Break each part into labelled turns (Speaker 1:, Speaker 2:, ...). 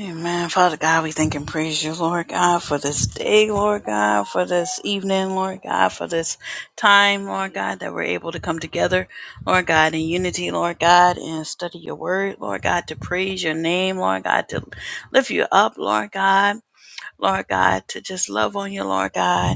Speaker 1: Amen. Father God, we thank and praise you, Lord God, for this day, Lord God, for this evening, Lord God, for this time, Lord God, that we're able to come together, Lord God, in unity, Lord God, and study your word, Lord God, to praise your name, Lord God, to lift you up, Lord God, Lord God, to just love on you, Lord God.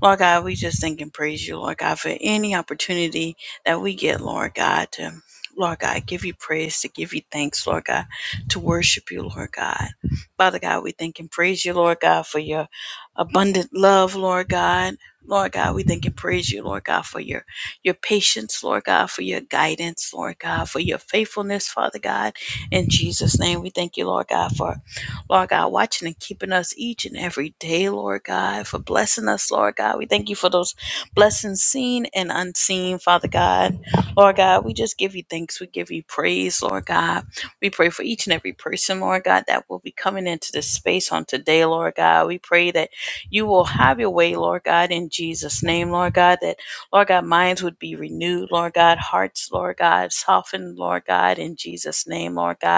Speaker 1: Lord God, we just thank and praise you, Lord God, for any opportunity that we get, Lord God, to, Lord God, give you praise, to give you thanks, Lord God, to worship you, Lord God. Father God, we thank and praise you, Lord God, for your abundant love, Lord God. Lord God, we thank and praise you, Lord God, for your your patience, Lord God, for your guidance, Lord God, for your faithfulness, Father God. In Jesus' name, we thank you, Lord God, for Lord God, watching and keeping us each and every day, Lord God, for blessing us, Lord God. We thank you for those blessings seen and unseen, Father God. Lord God, we just give you thanks. We give you praise, Lord God. We pray for each and every person, Lord God, that will be coming into this space on today, Lord God. We pray that you will have your way, Lord God, in Jesus' name, Lord God, that, Lord God, minds would be renewed, Lord God, hearts, Lord God, softened, Lord God, in Jesus' name, Lord God.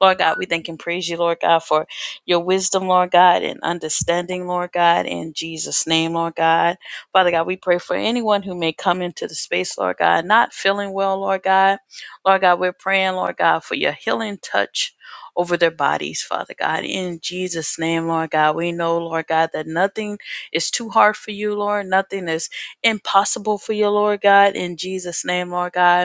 Speaker 1: Lord God, we thank and praise you, Lord God, for your wisdom, Lord God, and understanding, Lord God, in Jesus' name, Lord God. Father God, we pray for anyone who may come into the space, Lord God, not feeling well, Lord God. Lord God, we're praying, Lord God, for your healing touch over their bodies, Father God. In Jesus' name, Lord God, we know, Lord God, that nothing is too hard for you, Lord. Nothing is impossible for you, Lord God. In Jesus' name, Lord God.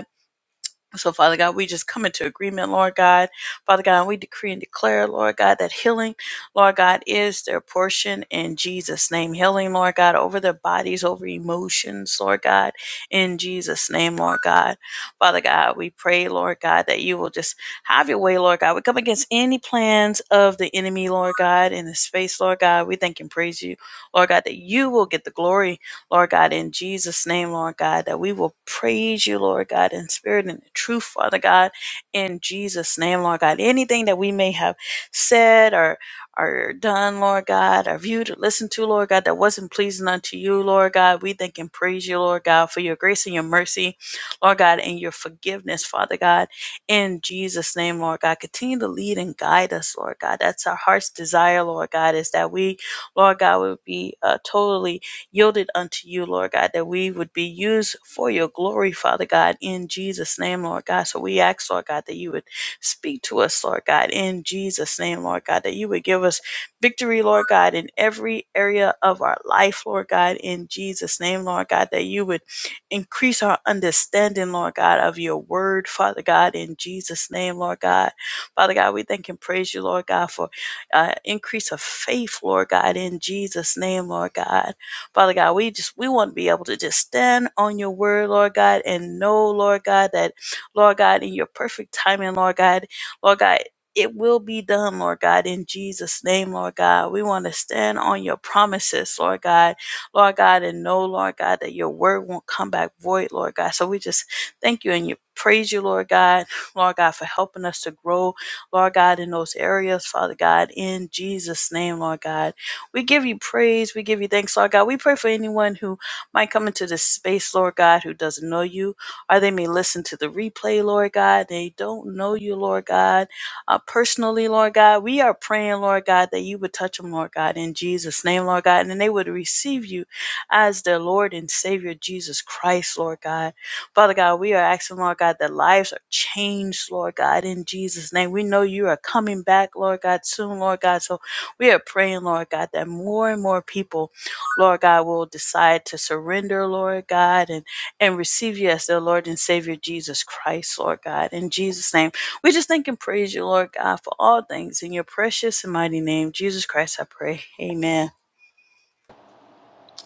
Speaker 1: So, Father God, we just come into agreement, Lord God. Father God, we decree and declare, Lord God, that healing, Lord God, is their portion in Jesus' name. Healing, Lord God, over their bodies, over emotions, Lord God, in Jesus' name, Lord God. Father God, we pray, Lord God, that you will just have your way, Lord God. We come against any plans of the enemy, Lord God, in the space, Lord God. We thank and praise you, Lord God, that you will get the glory Lord God, in Jesus' name, Lord God, that we will praise you, Lord God, in spirit and in truth, Father God, in Jesus' name, Lord God. Anything that we may have said or or done, Lord God, or viewed or listened to, Lord God, that wasn't pleasing unto you, Lord God. We thank and praise you, Lord God, for your grace and your mercy, Lord God, and your forgiveness, Father God. In Jesus' name, Lord God, continue to lead and guide us, Lord God. That's our heart's desire, Lord God, is that we, Lord God, would be uh, totally yielded unto you, Lord God, that we would be used for your glory, Father God, in Jesus' name, Lord God. So we ask, Lord God, that you would speak to us, Lord God, in Jesus' name, Lord God, that you would give us victory, Lord God, in every area of our life, Lord God, in Jesus' name, Lord God, that you would increase our understanding, Lord God, of your word, Father God, in Jesus' name, Lord God. Father God, we thank and praise you, Lord God, for uh, increase of faith, Lord God, in Jesus' name, Lord God. Father God, we just we want to be able to just stand on your word, Lord God, and know, Lord God, that Lord God, in your perfect timing, Lord God, Lord God. It will be done, Lord God, in Jesus' name, Lord God. We want to stand on your promises, Lord God, Lord God, and know, Lord God, that your word won't come back void, Lord God. So we just thank you and you praise you, Lord God, Lord God, for helping us to grow, Lord God, in those areas, Father God, in Jesus' name, Lord God. We give you praise. We give you thanks, Lord God. We pray for anyone who might come into this space, Lord God, who doesn't know you, or they may listen to the replay, Lord God. They don't know you, Lord God. Uh, personally, Lord God, we are praying, Lord God, that you would touch them, Lord God, in Jesus' name, Lord God, and then they would receive you as their Lord and Savior, Jesus Christ, Lord God. Father God, we are asking, Lord God, that lives are changed, Lord God, in Jesus' name. We know you are coming back, Lord God, soon, Lord God. So we are praying, Lord God, that more and more people, Lord God, will decide to surrender, Lord God, and, and receive you as their Lord and Savior, Jesus Christ, Lord God. In Jesus' name, we just thank and praise you, Lord God, for all things. In your precious and mighty name, Jesus Christ, I pray. Amen.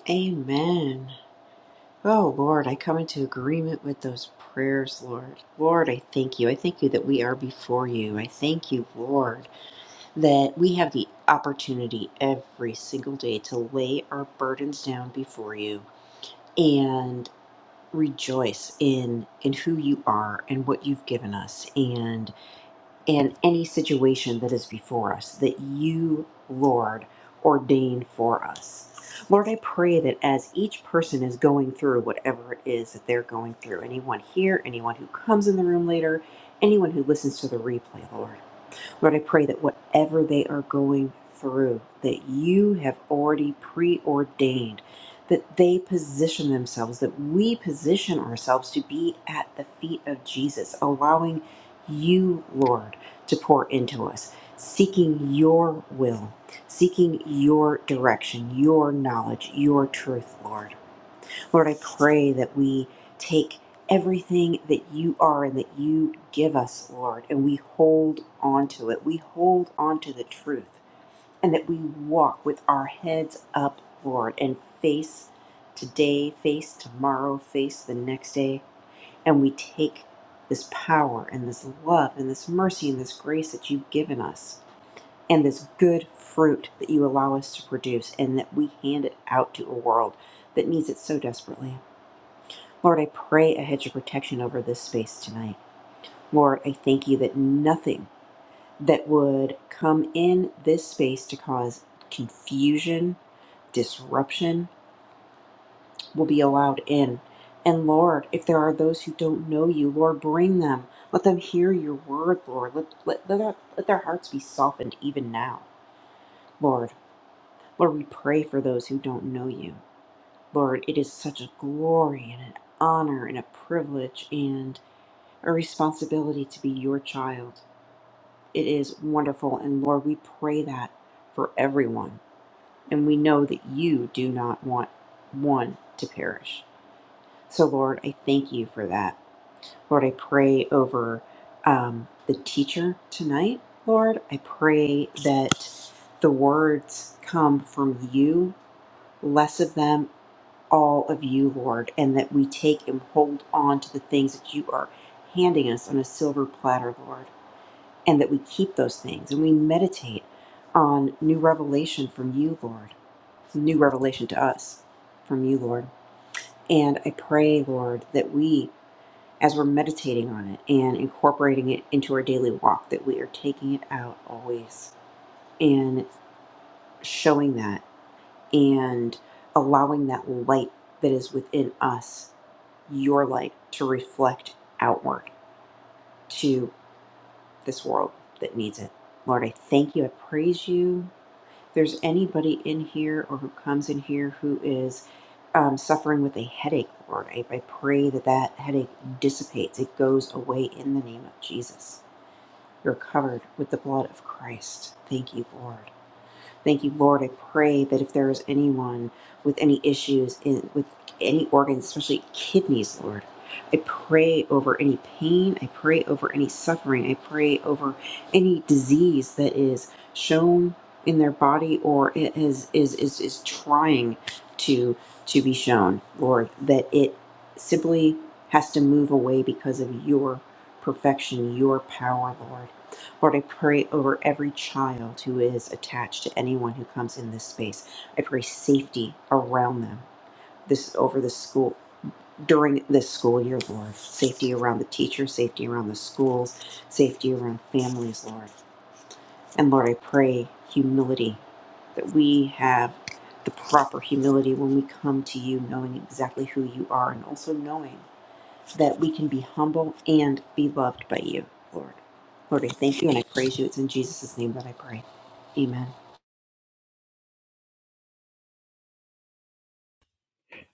Speaker 2: Amen. Oh Lord, I come into agreement with those prayers, Lord. Lord, I thank you. I thank you that we are before you. I thank you, Lord, that we have the opportunity every single day to lay our burdens down before you and rejoice in in who you are and what you've given us. and in any situation that is before us that you, Lord, ordain for us. Lord, I pray that as each person is going through whatever it is that they're going through, anyone here, anyone who comes in the room later, anyone who listens to the replay, Lord. Lord, I pray that whatever they are going through, that you have already preordained, that they position themselves, that we position ourselves to be at the feet of Jesus, allowing you, Lord, to pour into us, seeking your will, seeking your direction, your knowledge, your truth, Lord. Lord, I pray that we take everything that you are and that you give us, Lord, and we hold on to it. We hold on to the truth and that we walk with our heads up, Lord, and face today, face tomorrow, face the next day, and we take this power and this love and this mercy and this grace that you've given us and this good fruit that you allow us to produce and that we hand it out to a world that needs it so desperately. Lord, I pray a hedge of protection over this space tonight. Lord, I thank you that nothing that would come in this space to cause confusion, disruption, will be allowed in. And Lord, if there are those who don't know you, Lord, bring them. Let them hear your word, Lord. Let, let, let, their, let their hearts be softened even now, Lord. Lord, we pray for those who don't know you. Lord, it is such a glory and an honor and a privilege and a responsibility to be your child. It is wonderful. And Lord, we pray that for everyone. And we know that you do not want one to perish. So, Lord, I thank you for that. Lord, I pray over um, the teacher tonight. Lord, I pray that the words come from you, less of them, all of you, Lord, and that we take and hold on to the things that you are handing us on a silver platter, Lord. and that we keep those things and we meditate on new revelation from you, Lord, new revelation to us from you, Lord. And I pray, Lord, that we, as we're meditating on it and incorporating it into our daily walk, that we are taking it out always and showing that and allowing that light that is within us, your light, to reflect outward to this world that needs it. Lord, I thank you. I praise you. there's anybody in here or who comes in here who is um, suffering with a headache, Lord, I, I pray that that headache dissipates. It goes away in the name of Jesus. You're covered with the blood of Christ. Thank you, Lord. Thank you, Lord. I pray that if there is anyone with any issues in, with any organs, especially kidneys, Lord, I pray over any pain. I pray over any suffering. I pray over any disease that is shown in their body or it is is is, is trying to to be shown, Lord, that it simply has to move away because of your perfection, your power, Lord. Lord, I pray over every child who is attached to anyone who comes in this space. I pray safety around them. This is over the school during this school year, Lord. Safety around the teachers, safety around the schools, safety around families, Lord. And Lord, I pray humility that we have the proper humility when we come to you, knowing exactly who you are and also knowing that we can be humble and be loved by you, Lord. Lord, I thank you and I praise you. It's in Jesus' name that I pray. Amen.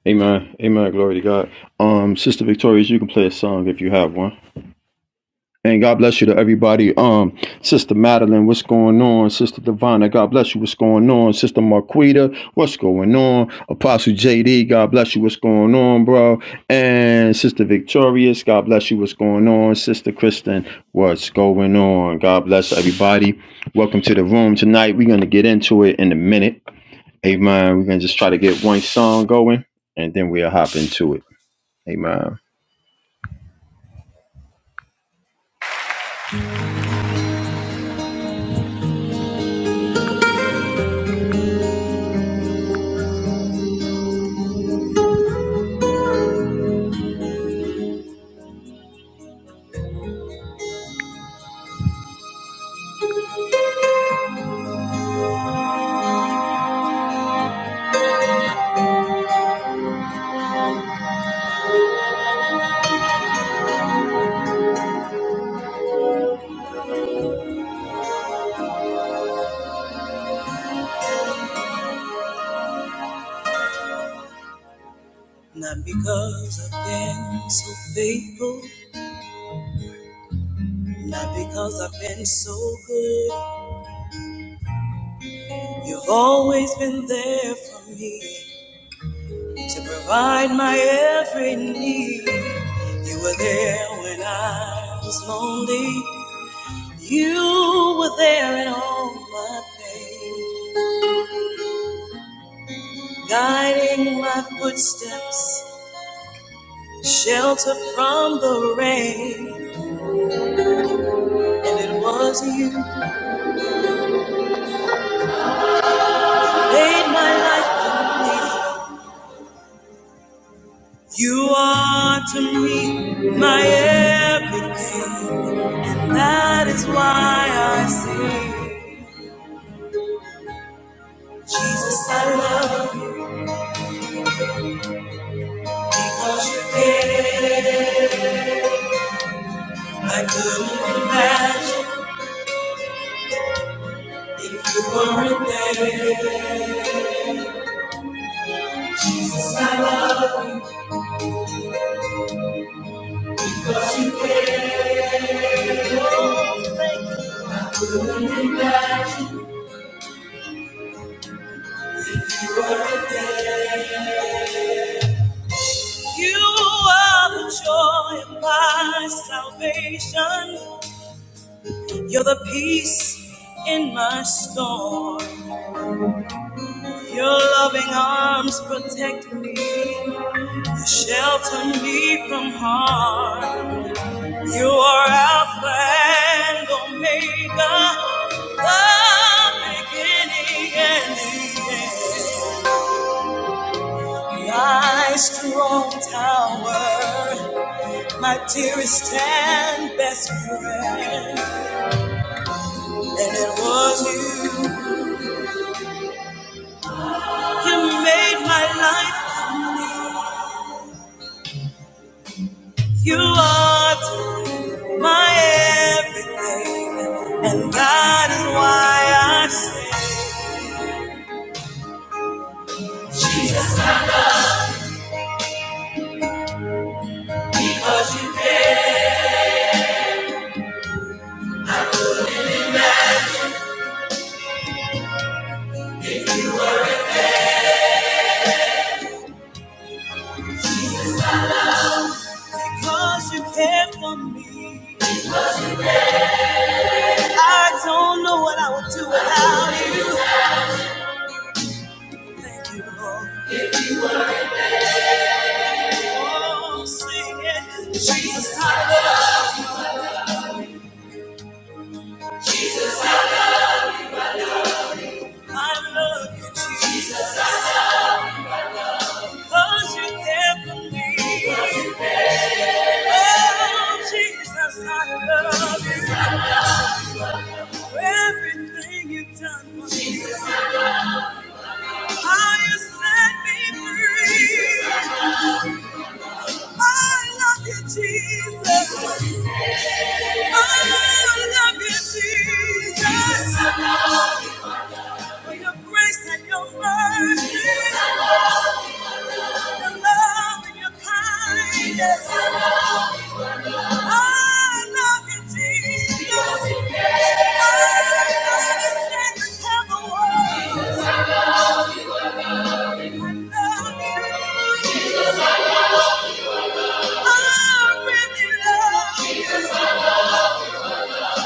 Speaker 3: Amen. Amen. Glory to God. Um, Sister Victorious, you can play a song if you have one. And God bless you to everybody. Um, Sister Madeline, what's going on? Sister Divina, God bless you. What's going on? Sister Marquita, what's going on? Apostle JD, God bless you. What's going on, bro? And Sister Victorious, God bless you. What's going on? Sister Kristen, what's going on? God bless everybody. Welcome to the room tonight. We're gonna get into it in a minute. Amen. We're gonna just try to get one song going, and then we'll hop into it. Amen.
Speaker 1: Not because I've been so faithful, not because I've been so good. You've always been there for me. to provide my every need. You were there when I was lonely. You were there in all my pain, guiding my footsteps, shelter from the rain. And it was you who made my life complete. You are to me my everything. That is why I sing. Jesus, I love you. Because you did. I couldn't imagine if you weren't there. I love you. You are the joy of my salvation. You're the peace in my storm. Your loving arms protect me. You shelter me from harm. You are Alpha and Omega, the beginning and the end. My strong tower, my dearest and best friend. And it was you who made my life. You are my everything, and that is why I sing. Jesus, because you, because you care for me. I don't know what I would do without you. Thank you, Lord. Oh, sing it. Jesus, I love, I love you, Jesus. Cause you care for me. Oh, Jesus, I love you. For everything you've done for me. How you set me free. I love you, Jesus. I love you, Jesus. For your grace and your mercy, your love and your kindness. I love you, Jesus. I understand the devil. I love you. I really love you.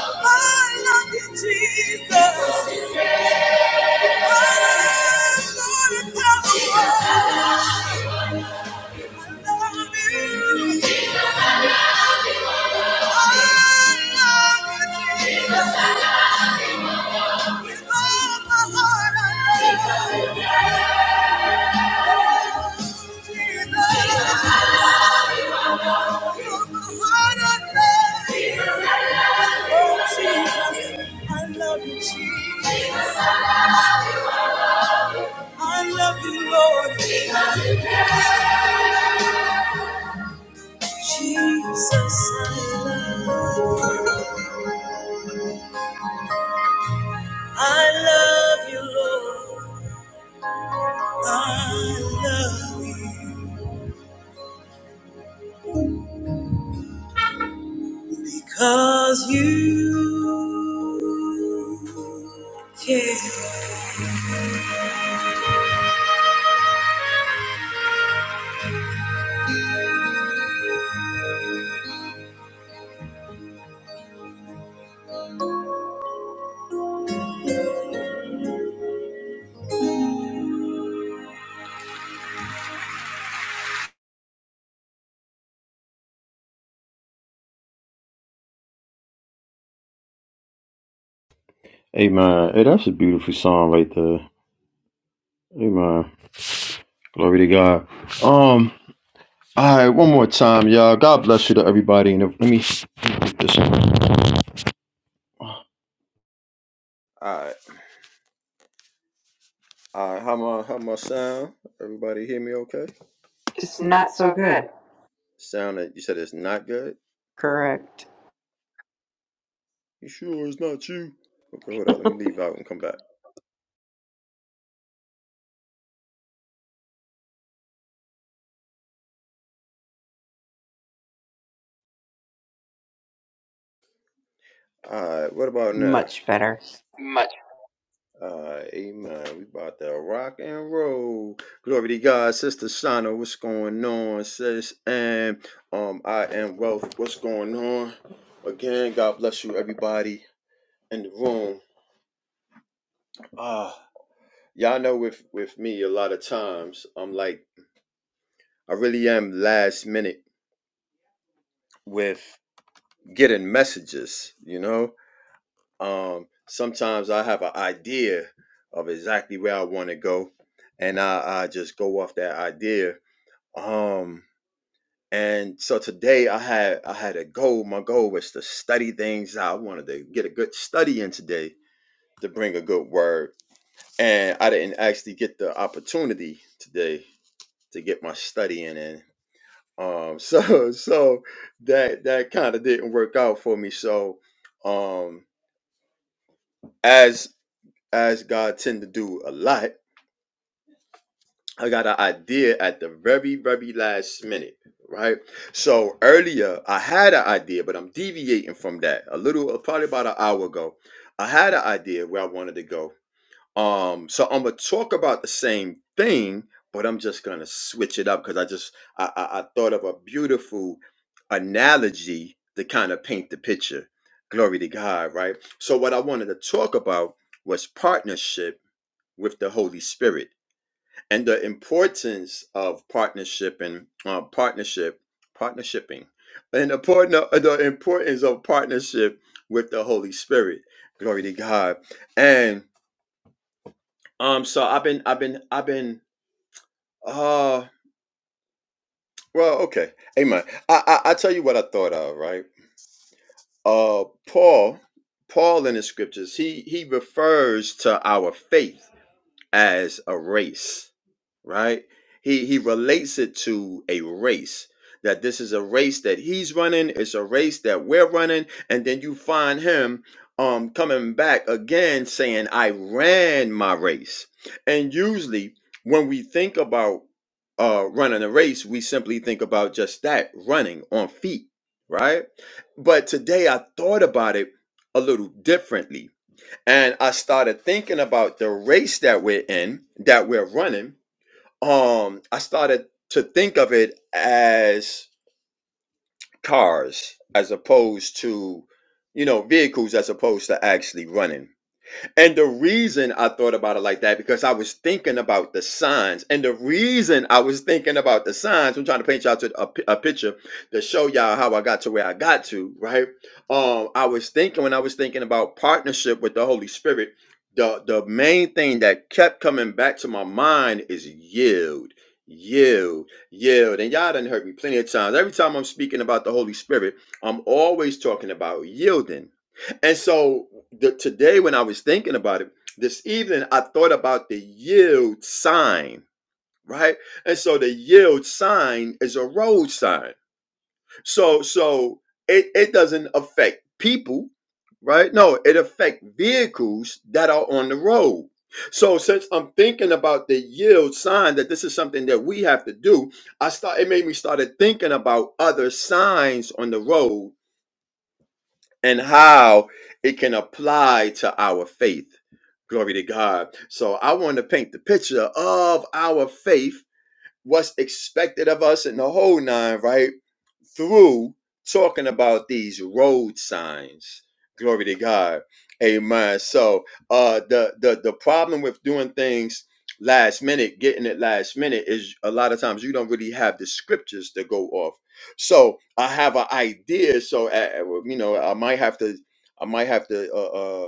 Speaker 1: I love you, Jesus. I love the devil. I love you. I love you, Lord. Jesus, I love you. I love you, Lord. I love you because you care.
Speaker 3: Amen. Hey, that's a beautiful song right there. Amen. Glory to God. Um, all right, one more time, y'all. God bless you to everybody. And let me get this. on. All right, all right. How my how my sound? Everybody hear me? Okay.
Speaker 2: It's not so good.
Speaker 3: Sound that you said it's not good.
Speaker 2: Correct.
Speaker 3: You sure it's not you? Okay, hold on. Let me leave out and come back. All right. What about now?
Speaker 2: Much better.
Speaker 3: Uh, amen. We about to rock and roll. Glory to God, Sister Shana. What's going on, sis? And um, I am Wealth. What's going on? Again, God bless you, everybody in the room. Ah, y'all know with with me, a lot of times I'm like, I really am last minute with getting messages. You know, um, sometimes I have an idea of exactly where I want to go, and I, I just go off that idea Um, and so today I had I had a goal. My goal was to study things out. I wanted to get a good study in today to bring a good word. And I didn't actually get the opportunity today to get my studying in. Um, so so that that kind of didn't work out for me. So um as as God tend to do a lot, I got an idea at the very, very last minute, right? So earlier, I had an idea, but I'm deviating from that a little, uh, probably about an hour ago. I had an idea where I wanted to go. Um, so I'm gonna talk about the same thing, but I'm just gonna switch it up because I just I, I I thought of a beautiful analogy to kind of paint the picture. Glory to God, right? So what I wanted to talk about was partnership with the Holy Spirit and the importance of partnership and uh, partnership, partnershiping, and the, partner, the importance of partnership with the Holy Spirit. Glory to God. And um, so I've been, I've been, I've been. Uh, well, okay, Amen. I, I I tell you what I thought of, right? Uh, Paul, Paul in the scriptures, he he refers to our faith as a race right? He he relates it to a race. That this is a race that he's running, it's a race that we're running, and then you find him um coming back again saying, I ran my race. And usually when we think about uh running a race, we simply think about just that, running on feet, right? But today I thought about it a little differently. And I started thinking about the race that we're in, that we're running um I started to think of it as cars as opposed to you know vehicles as opposed to actually running and the reason I thought about it like that, because I was thinking about the signs. And the reason I was thinking about the signs, I'm trying to paint y'all to a, pi- a picture to show y'all how I got to where I got to, right? Um, I was thinking when I was thinking about partnership with the Holy Spirit, the, the main thing that kept coming back to my mind is yield. Yield, yield, and y'all done heard me plenty of times. Every time I'm speaking about the Holy Spirit, I'm always talking about yielding and so the, today, when I was thinking about it this evening, I thought about the yield sign, right? And so the yield sign is a road sign. So so it, it doesn't affect people, right? No, it affects vehicles that are on the road. So since I'm thinking about the yield sign that this is something that we have to do, I start it made me started thinking about other signs on the road and how it can apply to our faith. Glory to God. So I want to paint the picture of our faith, what's expected of us in the whole nine, right? through talking about these road signs. Glory to God. Amen. So uh the the the problem with doing things last minute, getting it last minute is a lot of times you don't really have the scriptures to go off. So I have an idea. So uh, uh, you know, I might have to I might have to uh, uh,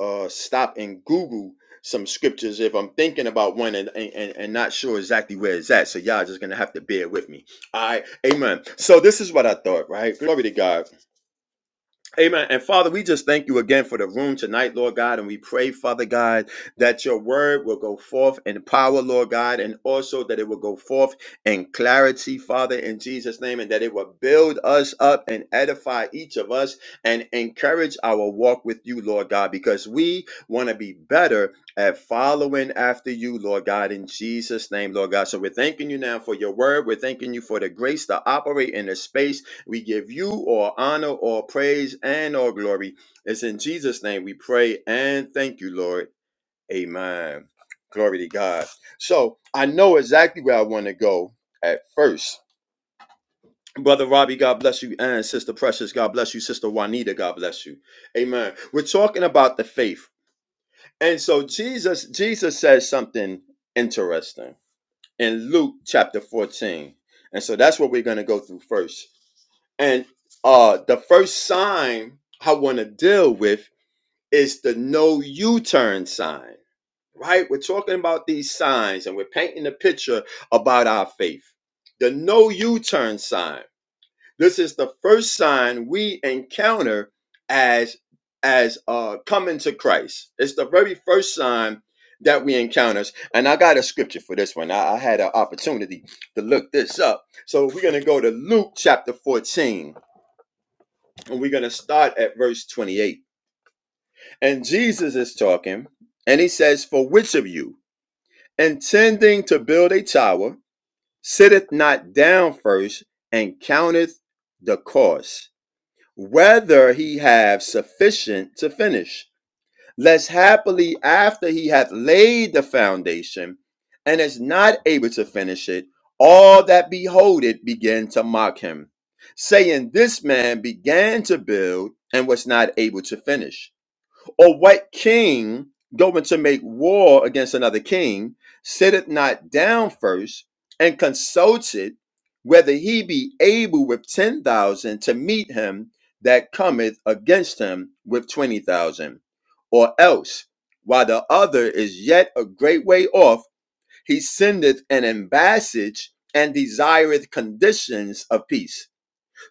Speaker 3: uh, stop and Google some scriptures if I'm thinking about one and, and, and not sure exactly where it's at. So y'all just gonna have to bear with me. All right, amen. So this is what I thought, right? Glory to God. Amen. And Father, we just thank you again for the room tonight, Lord God. And we pray, Father God, that your word will go forth in power, Lord God, and also that it will go forth in clarity, Father, in Jesus' name, and that it will build us up and edify each of us and encourage our walk with you, Lord God, because we want to be better at following after you, Lord God, in Jesus' name, Lord God. So we're thanking you now for your word. We're thanking you for the grace to operate in the space we give you all honor, all praise, and all glory. It's in Jesus' name we pray and thank you, Lord. Amen. Glory to God. So I know exactly where I want to go at first. Brother Robbie, God bless you. And Sister Precious, God bless you. Sister Juanita, God bless you. Amen. We're talking about the faith. And so Jesus, Jesus says something interesting in Luke chapter 14. And so that's what we're going to go through first. And uh the first sign I want to deal with is the no U-turn sign. Right? We're talking about these signs and we're painting a picture about our faith. The no U-turn sign. This is the first sign we encounter as as uh coming to Christ. It's the very first sign that we encounter. And I got a scripture for this one. I, I had an opportunity to look this up. So we're gonna go to Luke chapter 14 and we're gonna start at verse 28. And Jesus is talking, and he says, For which of you intending to build a tower sitteth not down first and counteth the cost? whether he have sufficient to finish. Lest happily after he hath laid the foundation and is not able to finish it, all that behold it begin to mock him, saying, This man began to build and was not able to finish. Or what king going to make war against another king sitteth not down first and consulted whether he be able with ten thousand to meet him that cometh against him with twenty thousand? Or else, while the other is yet a great way off, he sendeth an ambassage and desireth conditions of peace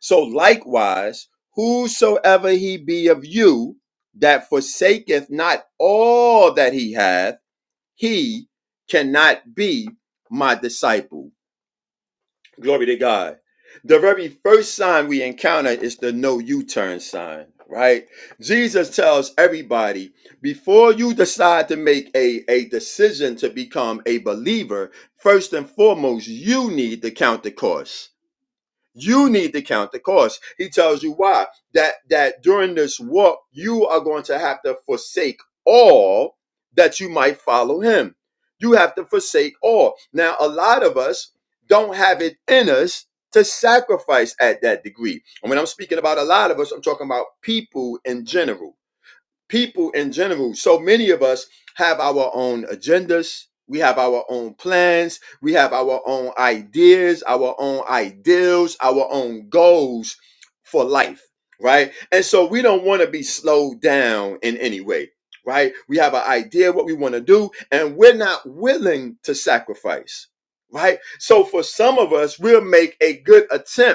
Speaker 3: so likewise, whosoever he be of you that forsaketh not all that he hath, he cannot be my disciple. Glory to God. The very first sign we encounter is the no U turn sign, right? Jesus tells everybody before you decide to make a, a decision to become a believer, first and foremost, you need to count the cost you need to count the cost. He tells you why that that during this walk you are going to have to forsake all that you might follow him. You have to forsake all. Now a lot of us don't have it in us to sacrifice at that degree. And when I'm speaking about a lot of us, I'm talking about people in general people in general. So many of us have our own agendas. We have our own plans. We have our own ideas, our own ideals, our own goals for life, right? And so we don't want to be slowed down in any way, right? We have an idea what we want to do, and we're not willing to sacrifice, right? So for some of us, we'll make a good attempt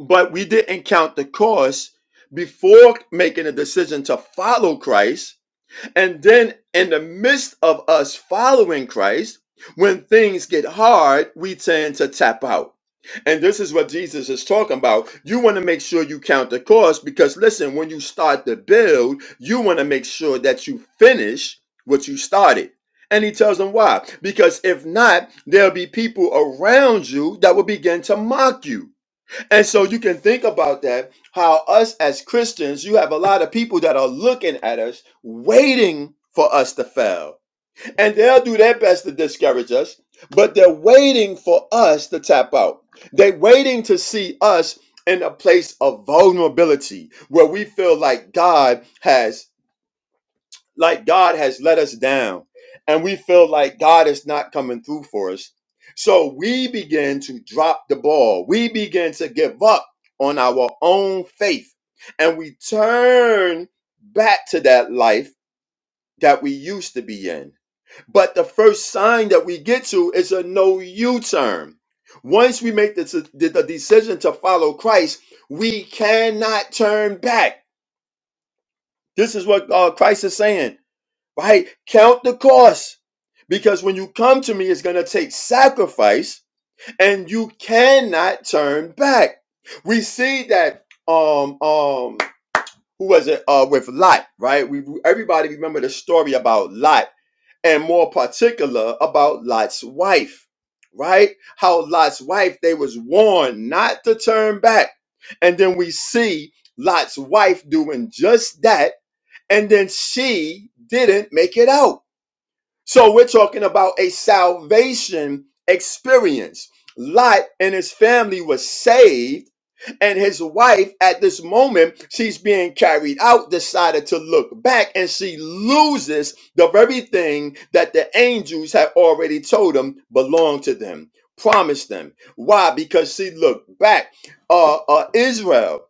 Speaker 3: but we didn't count the cost before making a decision to follow Christ. And then, in the midst of us following Christ, when things get hard, we tend to tap out. And this is what Jesus is talking about. You want to make sure you count the cost because, listen, when you start the build, you want to make sure that you finish what you started. And he tells them why. Because if not, there'll be people around you that will begin to mock you and so you can think about that how us as Christians, you have a lot of people that are looking at us, waiting for us to fail. And they'll do their best to discourage us, but they're waiting for us to tap out. They're waiting to see us in a place of vulnerability where we feel like God has like God has let us down and we feel like God is not coming through for us. So we begin to drop the ball. We begin to give up on our own faith and we turn back to that life that we used to be in. But the first sign that we get to is a no U turn. Once we make the, the the decision to follow Christ, we cannot turn back. This is what uh, Christ is saying right? Count the cost. Because when you come to me, it's going to take sacrifice and you cannot turn back. We see that, um, um, who was it? Uh, with Lot, right? We everybody remember the story about Lot and more particular about Lot's wife, right? How Lot's wife, they was warned not to turn back. And then we see Lot's wife doing just that. And then she didn't make it out so we're talking about a salvation experience. Lot and his family was saved, and his wife, at this moment, she's being carried out, decided to look back, and she loses the very thing that the angels had already told them belonged to them, promised them. Why? Because she looked back. Uh, uh, Israel,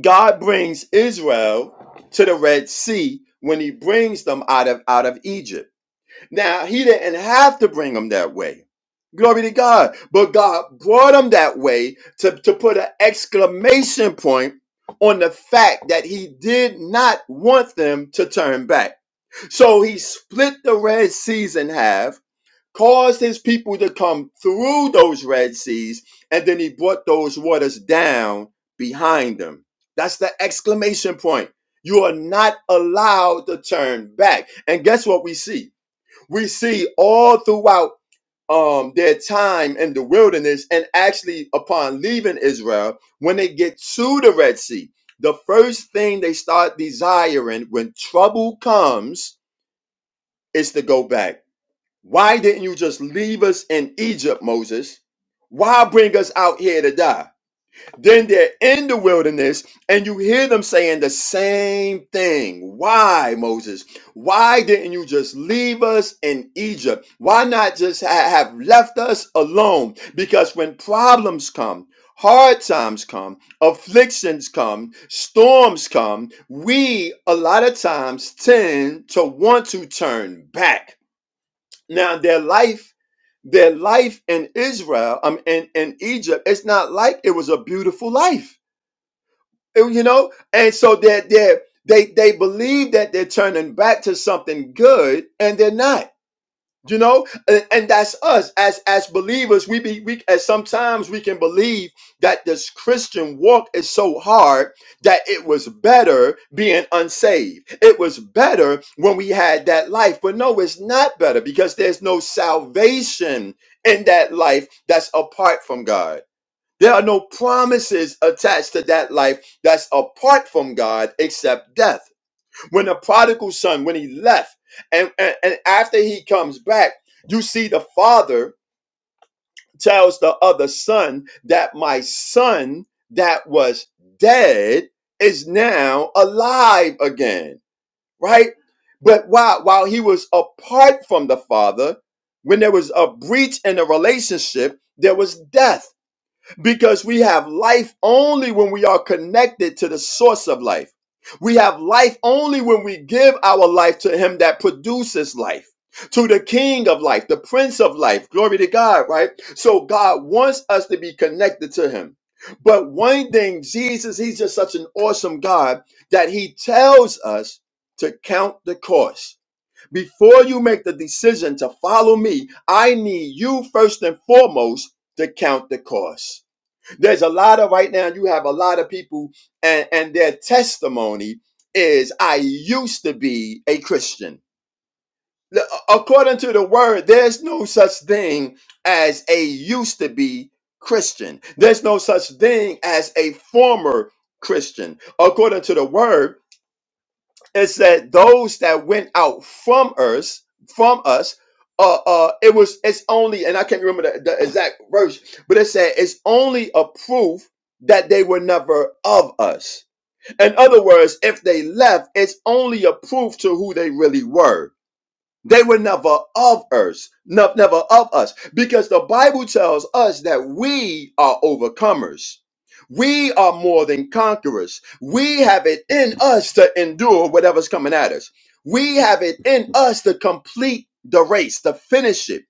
Speaker 3: God brings Israel to the Red Sea when He brings them out of out of Egypt now, he didn't have to bring them that way. Glory to God. But God brought them that way to, to put an exclamation point on the fact that he did not want them to turn back. So he split the Red Seas in half, caused his people to come through those Red Seas, and then he brought those waters down behind them. That's the exclamation point. You are not allowed to turn back. And guess what we see? we see all throughout um, their time in the wilderness and actually upon leaving Israel, when they get to the Red Sea, the first thing they start desiring when trouble comes is to go back. Why didn't you just leave us in Egypt, Moses? Why bring us out here to die? Then they're in the wilderness, and you hear them saying the same thing. Why, Moses? Why didn't you just leave us in Egypt? Why not just ha- have left us alone? Because when problems come, hard times come, afflictions come, storms come, we a lot of times tend to want to turn back. Now, their life their life in Israel, um, in, in Egypt, it's not like it was a beautiful life and, you know and so they're, they're they they believe that they're turning back to something good and they're not you know and, and that's us as as believers we be we as sometimes we can believe that this christian walk is so hard that it was better being unsaved it was better when we had that life but no it's not better because there's no salvation in that life that's apart from god there are no promises attached to that life that's apart from God except death. When the prodigal son, when he left, and, and, and after he comes back, you see the father tells the other son that my son that was dead is now alive again, right? But while while he was apart from the father, when there was a breach in the relationship, there was death because we have life only when we are connected to the source of life. We have life only when we give our life to Him that produces life, to the King of life, the Prince of life. Glory to God, right? So God wants us to be connected to Him. But one thing, Jesus, He's just such an awesome God that He tells us to count the cost. Before you make the decision to follow me, I need you first and foremost to count the cost. There's a lot of right now, you have a lot of people, and, and their testimony is I used to be a Christian. The- According to the word, there's no such thing as a used to be Christian, there's no such thing as a former Christian. According to the word, it said those that went out from us, from us, uh, uh, it was it's only, and I can't remember the, the exact verse, but it said it's only a proof that they were never of us. In other words, if they left, it's only a proof to who they really were they were never of us, no- never of us, because the Bible tells us that we are overcomers. We are more than conquerors. We have it in us to endure whatever's coming at us. We have it in us to complete the race, to finish it.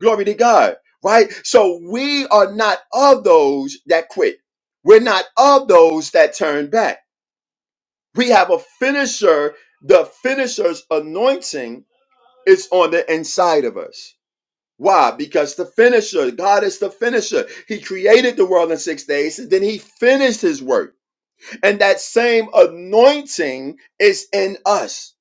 Speaker 3: Glory to God, right? So we are not of those that quit. We're not of those that turn back. We have a finisher, the finisher's anointing it's on the inside of us. Why? Because the finisher, God is the finisher. He created the world in six days, and then he finished his work. And that same anointing is in us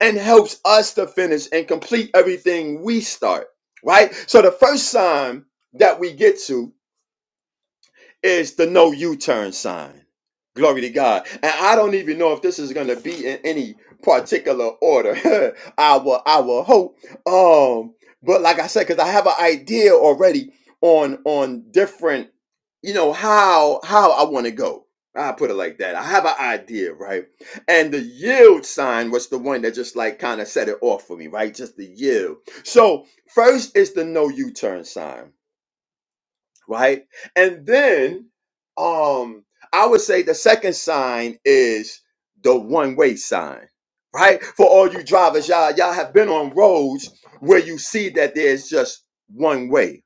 Speaker 3: and helps us to finish and complete everything we start, right? So the first sign that we get to is the no U-turn sign. Glory to God. And I don't even know if this is going to be in any particular order. I will I will hope. Um but like I said cuz I have an idea already on on different you know how how I want to go. I put it like that. I have an idea, right? And the yield sign was the one that just like kind of set it off for me, right? Just the yield. So, first is the no U-turn sign right? And then um I would say the second sign is the one-way sign, right? For all you drivers, y'all, y'all have been on roads where you see that there's just one way.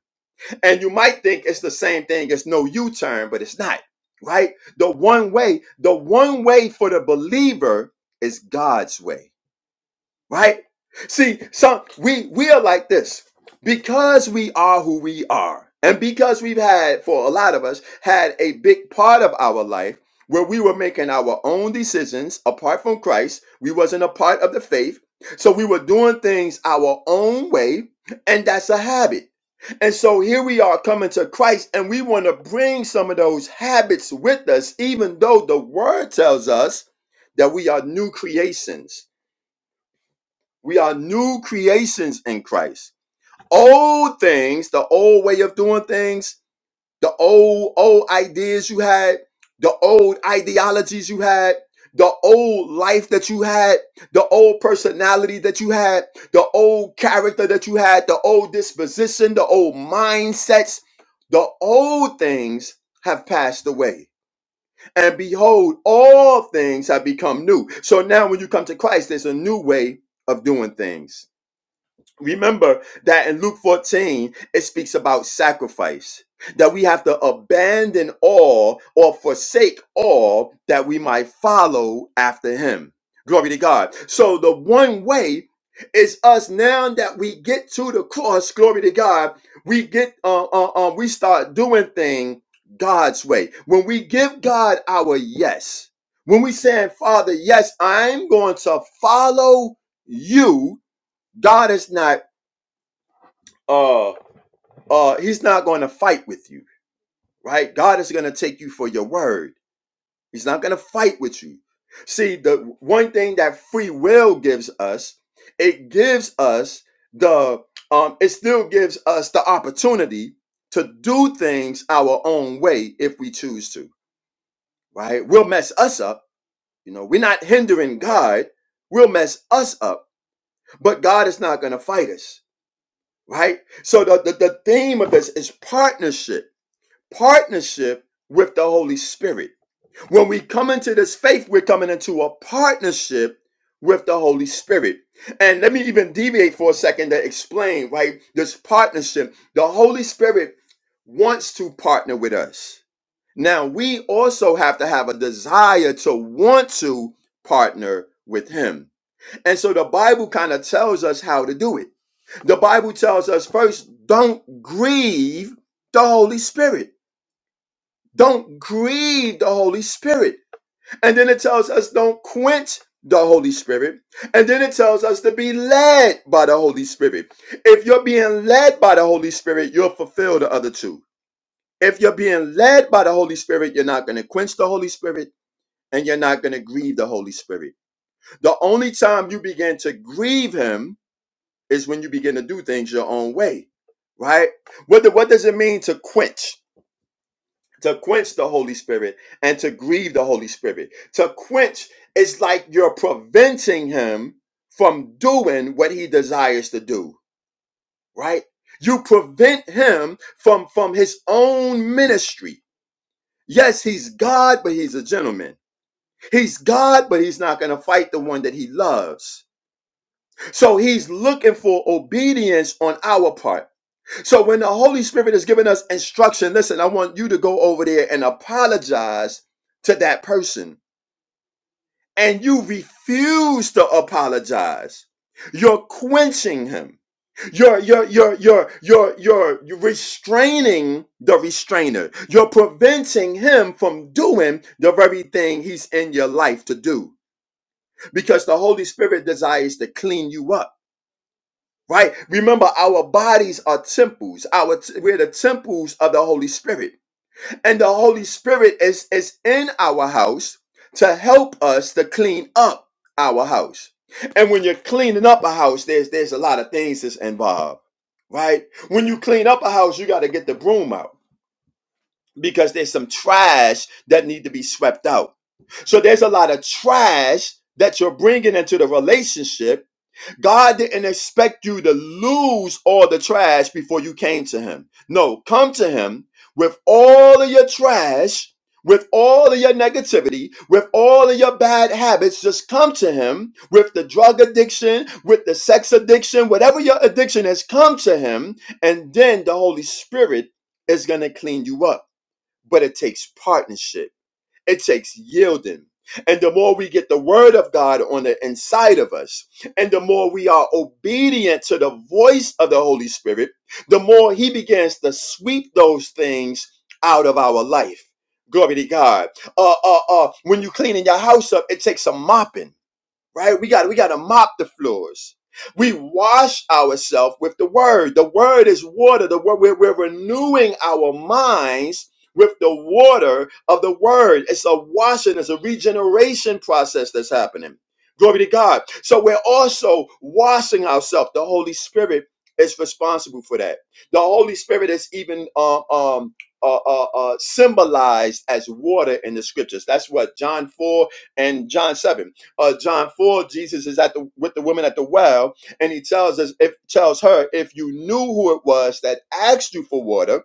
Speaker 3: And you might think it's the same thing as no U-turn, but it's not, right? The one way, the one way for the believer is God's way right? See, some we we are like this because we are who we are, and because we've had for a lot of us had a big part of our life where we were making our own decisions apart from Christ. We wasn't a part of the faith, so we were doing things our own way, and that's a habit. And so here we are coming to Christ, and we want to bring some of those habits with us, even though the word tells us that we are new creations we are new creations in Christ. Old things, the old way of doing things, the old old ideas you had, the old ideologies you had, the old life that you had, the old personality that you had, the old character that you had, the old disposition, the old mindsets, the old things have passed away. And behold, all things have become new. So now when you come to Christ, there's a new way of doing things Remember that in Luke 14, it speaks about sacrifice, that we have to abandon all or forsake all that we might follow after him. Glory to God. So the one way is us now that we get to the cross, glory to God, we get uh, uh, uh, we start doing things God's way. When we give God our yes, when we say, Father, yes, I'm going to follow you. God is not uh uh he's not going to fight with you right god is going to take you for your word he's not going to fight with you see the one thing that free will gives us it gives us the um it still gives us the opportunity to do things our own way if we choose to right we'll mess us up you know we're not hindering god we'll mess us up but god is not going to fight us right so the, the, the theme of this is partnership partnership with the Holy Spirit. When we come into this faith, we're coming into a partnership with the Holy Spirit. And let me even deviate for a second to explain, right? This partnership. The Holy Spirit wants to partner with us. Now, we also have to have a desire to want to partner with Him. And so the Bible kind of tells us how to do it. The Bible tells us first, don't grieve the Holy Spirit don't grieve the Holy Spirit. And then it tells us don't quench the Holy Spirit. And then it tells us to be led by the Holy Spirit. If you're being led by the Holy Spirit, you'll fulfill the other two. If you're being led by the Holy Spirit, you're not going to quench the Holy Spirit and you're not going to grieve the Holy Spirit. The only time you begin to grieve Him is when you begin to do things your own way, right? What, the, what does it mean to quench? to quench the Holy Spirit and to grieve the Holy Spirit. To quench is like you're preventing him from doing what he desires to do, right? You prevent him from from his own ministry. Yes, he's God, but he's a gentleman. He's God, but he's not going to fight the one that he loves. So he's looking for obedience on our part. So when the Holy Spirit is giving us instruction, listen, I want you to go over there and apologize to that person. And you refuse to apologize. You're quenching him. You're you're you're you're you're you're restraining the restrainer. You're preventing him from doing the very thing he's in your life to do. Because the Holy Spirit desires to clean you up right? Remember, our bodies are temples. Our t- we're the temples of the Holy Spirit. And the Holy Spirit is, is in our house to help us to clean up our house. And when you're cleaning up a house, there's there's a lot of things that's involved, right? When you clean up a house, you got to get the broom out because there's some trash that need to be swept out. So there's a lot of trash that you're bringing into the relationship God didn't expect you to lose all the trash before you came to Him. No, come to Him with all of your trash, with all of your negativity, with all of your bad habits. Just come to Him with the drug addiction, with the sex addiction, whatever your addiction is, come to Him. And then the Holy Spirit is going to clean you up. But it takes partnership. It takes yielding. And the more we get the word of God on the inside of us, and the more we are obedient to the voice of the Holy Spirit, the more he begins to sweep those things out of our life. Glory to God. Uh, uh, uh, when you're cleaning your house up, it takes a mopping right? We got we got to mop the floors. We wash ourselves with the word. The word is water. The word we're, we're renewing our minds with the water of the word. It's a washing. It's a regeneration process that's happening. Glory to God. So we're also washing ourselves. The Holy Spirit is responsible for that. The Holy Spirit is even um, um, uh, uh, uh, symbolized as water in the scriptures. That's what John 4 and John 7 uh, John 4, Jesus is at the with the woman at the well, and he tells us, if tells her, if you knew who it was that asked you for water,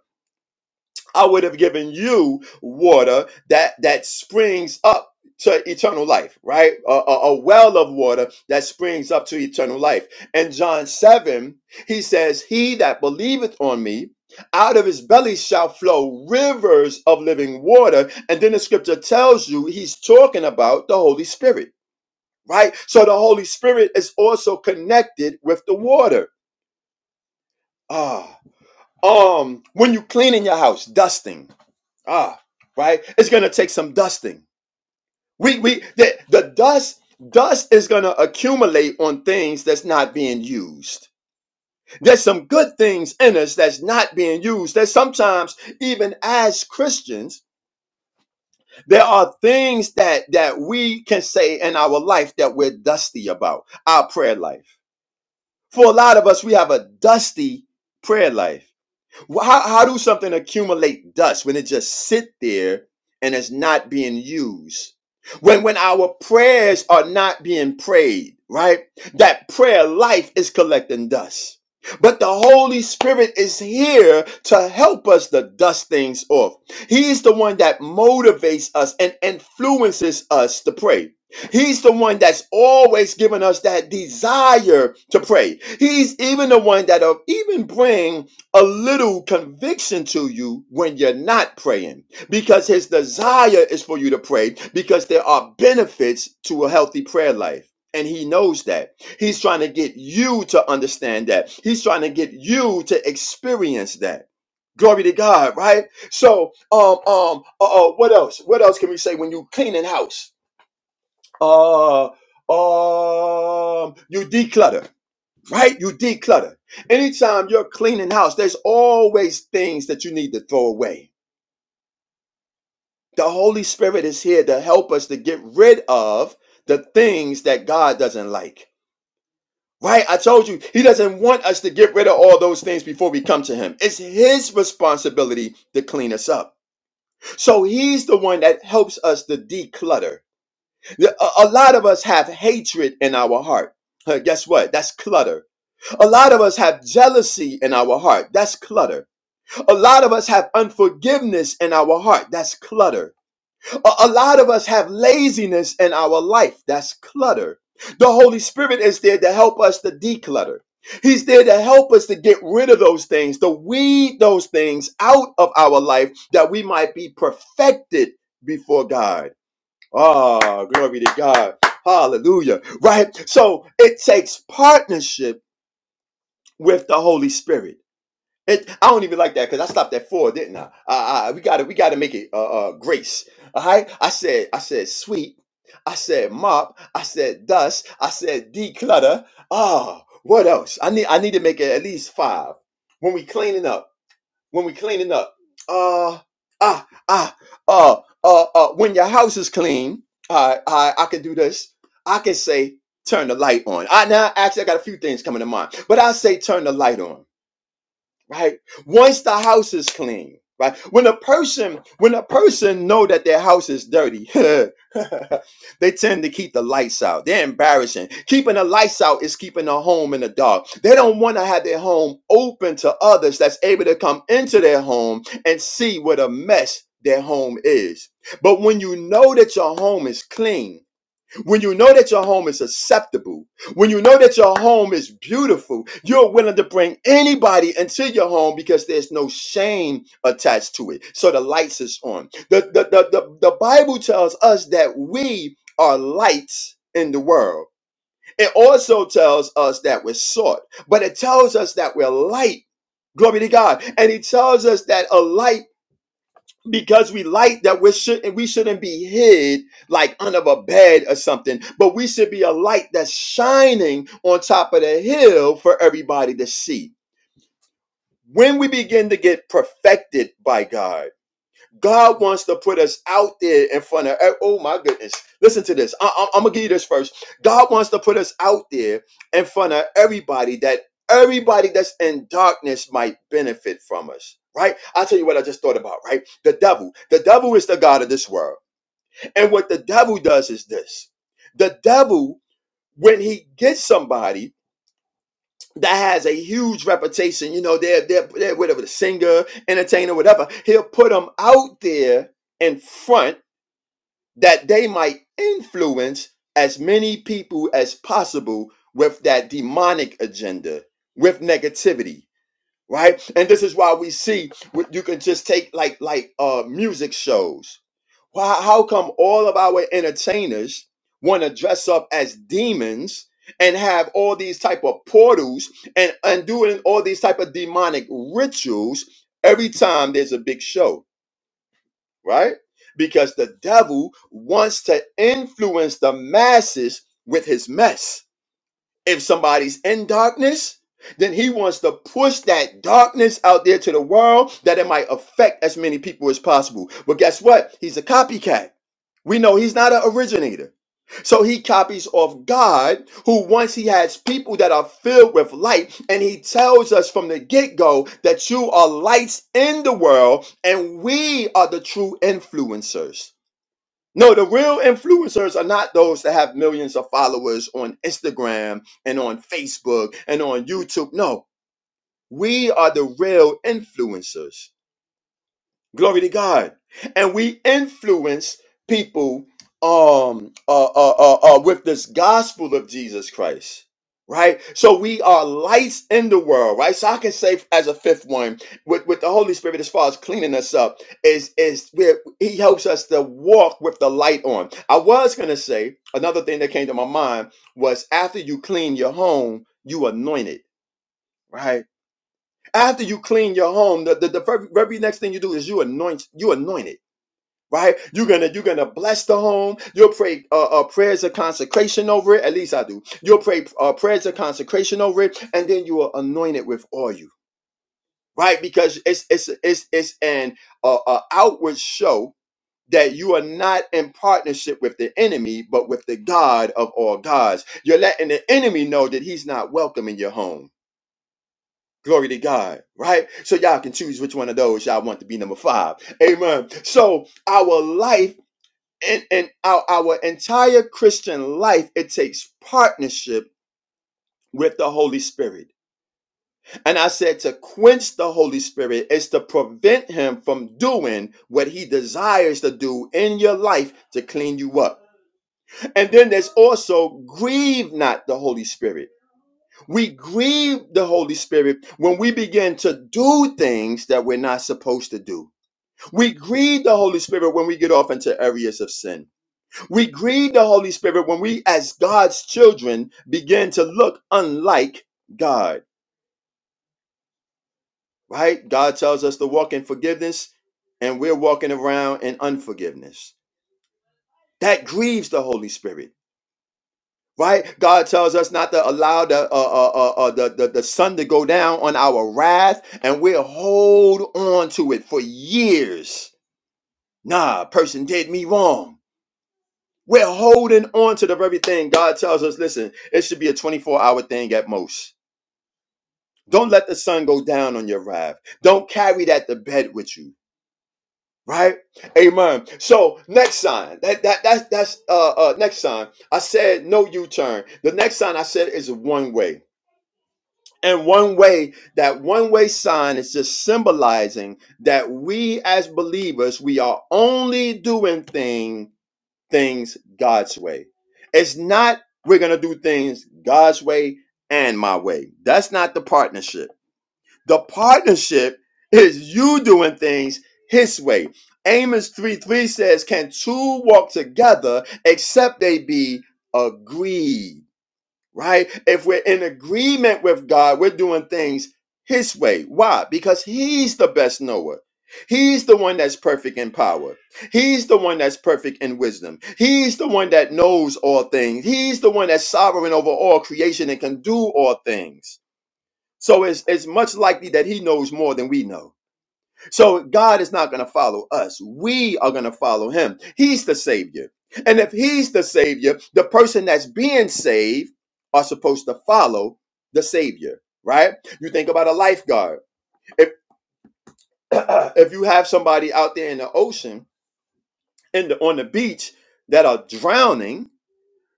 Speaker 3: I would have given you water that that springs up to eternal life, right? A, a, a well of water that springs up to eternal life. And John 7, he says, He that believeth on me, out of his belly shall flow rivers of living water. And then the scripture tells you he's talking about the Holy Spirit right? So the Holy Spirit is also connected with the water. Ah, um, when you cleaning your house, dusting. Ah, right. It's gonna take some dusting. We we the, the dust dust is gonna accumulate on things that's not being used. There's some good things in us that's not being used. That sometimes, even as Christians, there are things that that we can say in our life that we're dusty about. Our prayer life For a lot of us, we have a dusty prayer life. Wh- How, how do something accumulate dust when it just sit there and it's not being used? When when our prayers are not being prayed, right? That prayer life is collecting dust. But the Holy Spirit is here to help us to dust things off. He's the one that motivates us and influences us to pray. He's the one that's always given us that desire to pray. He's even the one that'll even bring a little conviction to you when you're not praying because his desire is for you to pray because there are benefits to a healthy prayer life. And he knows that. He's trying to get you to understand that. He's trying to get you to experience that. Glory to God, right? So, um, um, uh, uh, what else? What else can we say when you cleaning house? Uh, um, you declutter right? You declutter. Anytime you're cleaning house, there's always things that you need to throw away. The Holy Spirit is here to help us to get rid of the things that God doesn't like. Right? I told you, He doesn't want us to get rid of all those things before we come to Him. It's His responsibility to clean us up. So He's the one that helps us to declutter. A lot of us have hatred in our heart. Uh, Guess what? That's clutter. A lot of us have jealousy in our heart. That's clutter. A lot of us have unforgiveness in our heart. That's clutter. A, a lot of us have laziness in our life. That's clutter. The Holy Spirit is there to help us to declutter. He's there to help us to get rid of those things, to weed those things out of our life that we might be perfected before God. Ah, glory to God. Hallelujah. Right? So it takes partnership with the Holy Spirit. It, I don't even like that because I stopped at four, didn't I? I, I we got to we got to make it uh, uh grace. All right. I said I said sweep. I said mop. I said dust. I said declutter. Ah, what else? I need I need to make it at least five. When we cleaning up. When we cleaning up. Uh ah ah uh uh uh. When your house is clean, I I I can do this. I can say turn the light on. I now actually I got a few things coming to mind, but I say turn the light on right once the house is clean right when a person when a person know that their house is dirty they tend to keep the lights out they're embarrassing keeping the lights out is keeping the home in the dark they don't want to have their home open to others that's able to come into their home and see what a mess their home is but when you know that your home is clean when you know that your home is acceptable, when you know that your home is beautiful, you're willing to bring anybody into your home because there's no shame attached to it. So the lights is on. The, the, the, the, the Bible tells us that we are lights in the world. It also tells us that we're salt, but it tells us that we're light. Glory to God. And he tells us that a light because we light that we should and we shouldn't be hid like under a bed or something but we should be a light that's shining on top of the hill for everybody to see when we begin to get perfected by god God wants to put us out there in front of, e, oh my goodness. Listen to this. I, am going to give you this first. God wants to put us out there in front of everybody that everybody that's in darkness might benefit from us, right? I'll tell you what I just thought about, right? The devil. The devil is the God of this world. And what the devil does is this the devil, when he gets somebody, that has a huge reputation, you know, they're, they're, they're whatever, the singer, entertainer, whatever. He'll put them out there in front that they might influence as many people as possible with that demonic agenda, with negativity, right? And this is why we see what you can just take like like uh music shows. Why how come all of our entertainers want to dress up as demons and have all these type of portals and and doing all these type of demonic rituals every time there's a big show? right? Because the devil wants to influence the masses with his mess if somebody's in darkness, then he wants to push that darkness out there to the world that it might affect as many people as possible. But guess what? He's a copycat. We know he's not an originator. So he copies off God, who once he has people that are filled with light, and he tells us from the get go that you are lights in the world, and we are the true influencers. No, the real influencers are not those that have millions of followers on Instagram and on Facebook and on YouTube. No, we are the real influencers. Glory to God. And we influence people um uh, uh, uh, uh, with this gospel of Jesus Christ. Right? So we are lights in the world, right? So I can say as a fifth one, with, with the Holy Spirit as far as cleaning us up, is is where he helps us to walk with the light on. I was gonna say another thing that came to my mind was after you clean your home, you anoint it, right? After you clean your home, the, the, the very, very next thing you do is you anoint you anoint it right? You're gonna you're gonna bless the home. You'll pray uh, uh, prayers of consecration over it. At least I do. You'll pray uh, prayers of consecration over it, and then you will anoint it with oil, right? Because it's it's it's it's an uh, uh, outward show that you are not in partnership with the enemy, but with the God of all gods. You're letting the enemy know that he's not welcome in your home. Glory to God, right? So y'all can choose which one of those y'all want to be number five. Amen. So our life in, in our, our entire Christian life, it takes partnership with the Holy Spirit. And I said to quench the Holy Spirit is to prevent him from doing what he desires to do in your life to clean you up. And then there's also grieve not the Holy Spirit. We grieve the Holy Spirit when we begin to do things that we're not supposed to do. We grieve the Holy Spirit when we get off into areas of sin. We grieve the Holy Spirit when we, as God's children, begin to look unlike God, right? God tells us to walk in forgiveness, and we're walking around in unforgiveness. That grieves the Holy Spirit, right? God tells us not to allow the, uh, uh, uh, uh, the, the, the sun to go down on our wrath, and we'll hold on to it for years. Nah, person did me wrong. We're holding on to the very thing God tells us, listen, it should be a 24 hour thing at most Don't let the sun go down on your wrath. Don't carry that to bed with you. Right? Amen. So next sign. That that that's that's uh uh next sign. I said no U-turn. The next sign I said is one way. And one way, that one way sign is just symbolizing that we as believers, we are only doing thing, things God's way. It's not we're gonna do things God's way and my way. That's not the partnership. The partnership is you doing things his way. Amos 3 3 says, Can two walk together except they be agreed? Right? If we're in agreement with God, we're doing things his way. Why? Because he's the best knower. He's the one that's perfect in power. He's the one that's perfect in wisdom. He's the one that knows all things. He's the one that's sovereign over all creation and can do all things so it's, it's much likely that he knows more than we know. So God is not going to follow us. We are going to follow him. He's the Savior. And if he's the Savior, the person that's being saved are supposed to follow the Savior, right? You think about a lifeguard. If, if you have somebody out there in the ocean, in the, on the beach, that are drowning,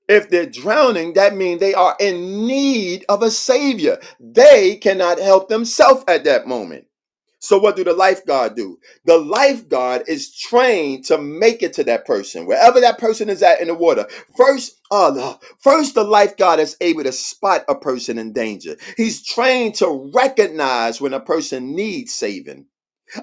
Speaker 3: if they're drowning, that means they are in need of a Savior. They cannot help themselves at that moment. So what do the lifeguard do? The lifeguard is trained to make it to that person, wherever that person is at in the water. First, uh, the- first the lifeguard is able to spot a person in danger. He's trained to recognize when a person needs saving.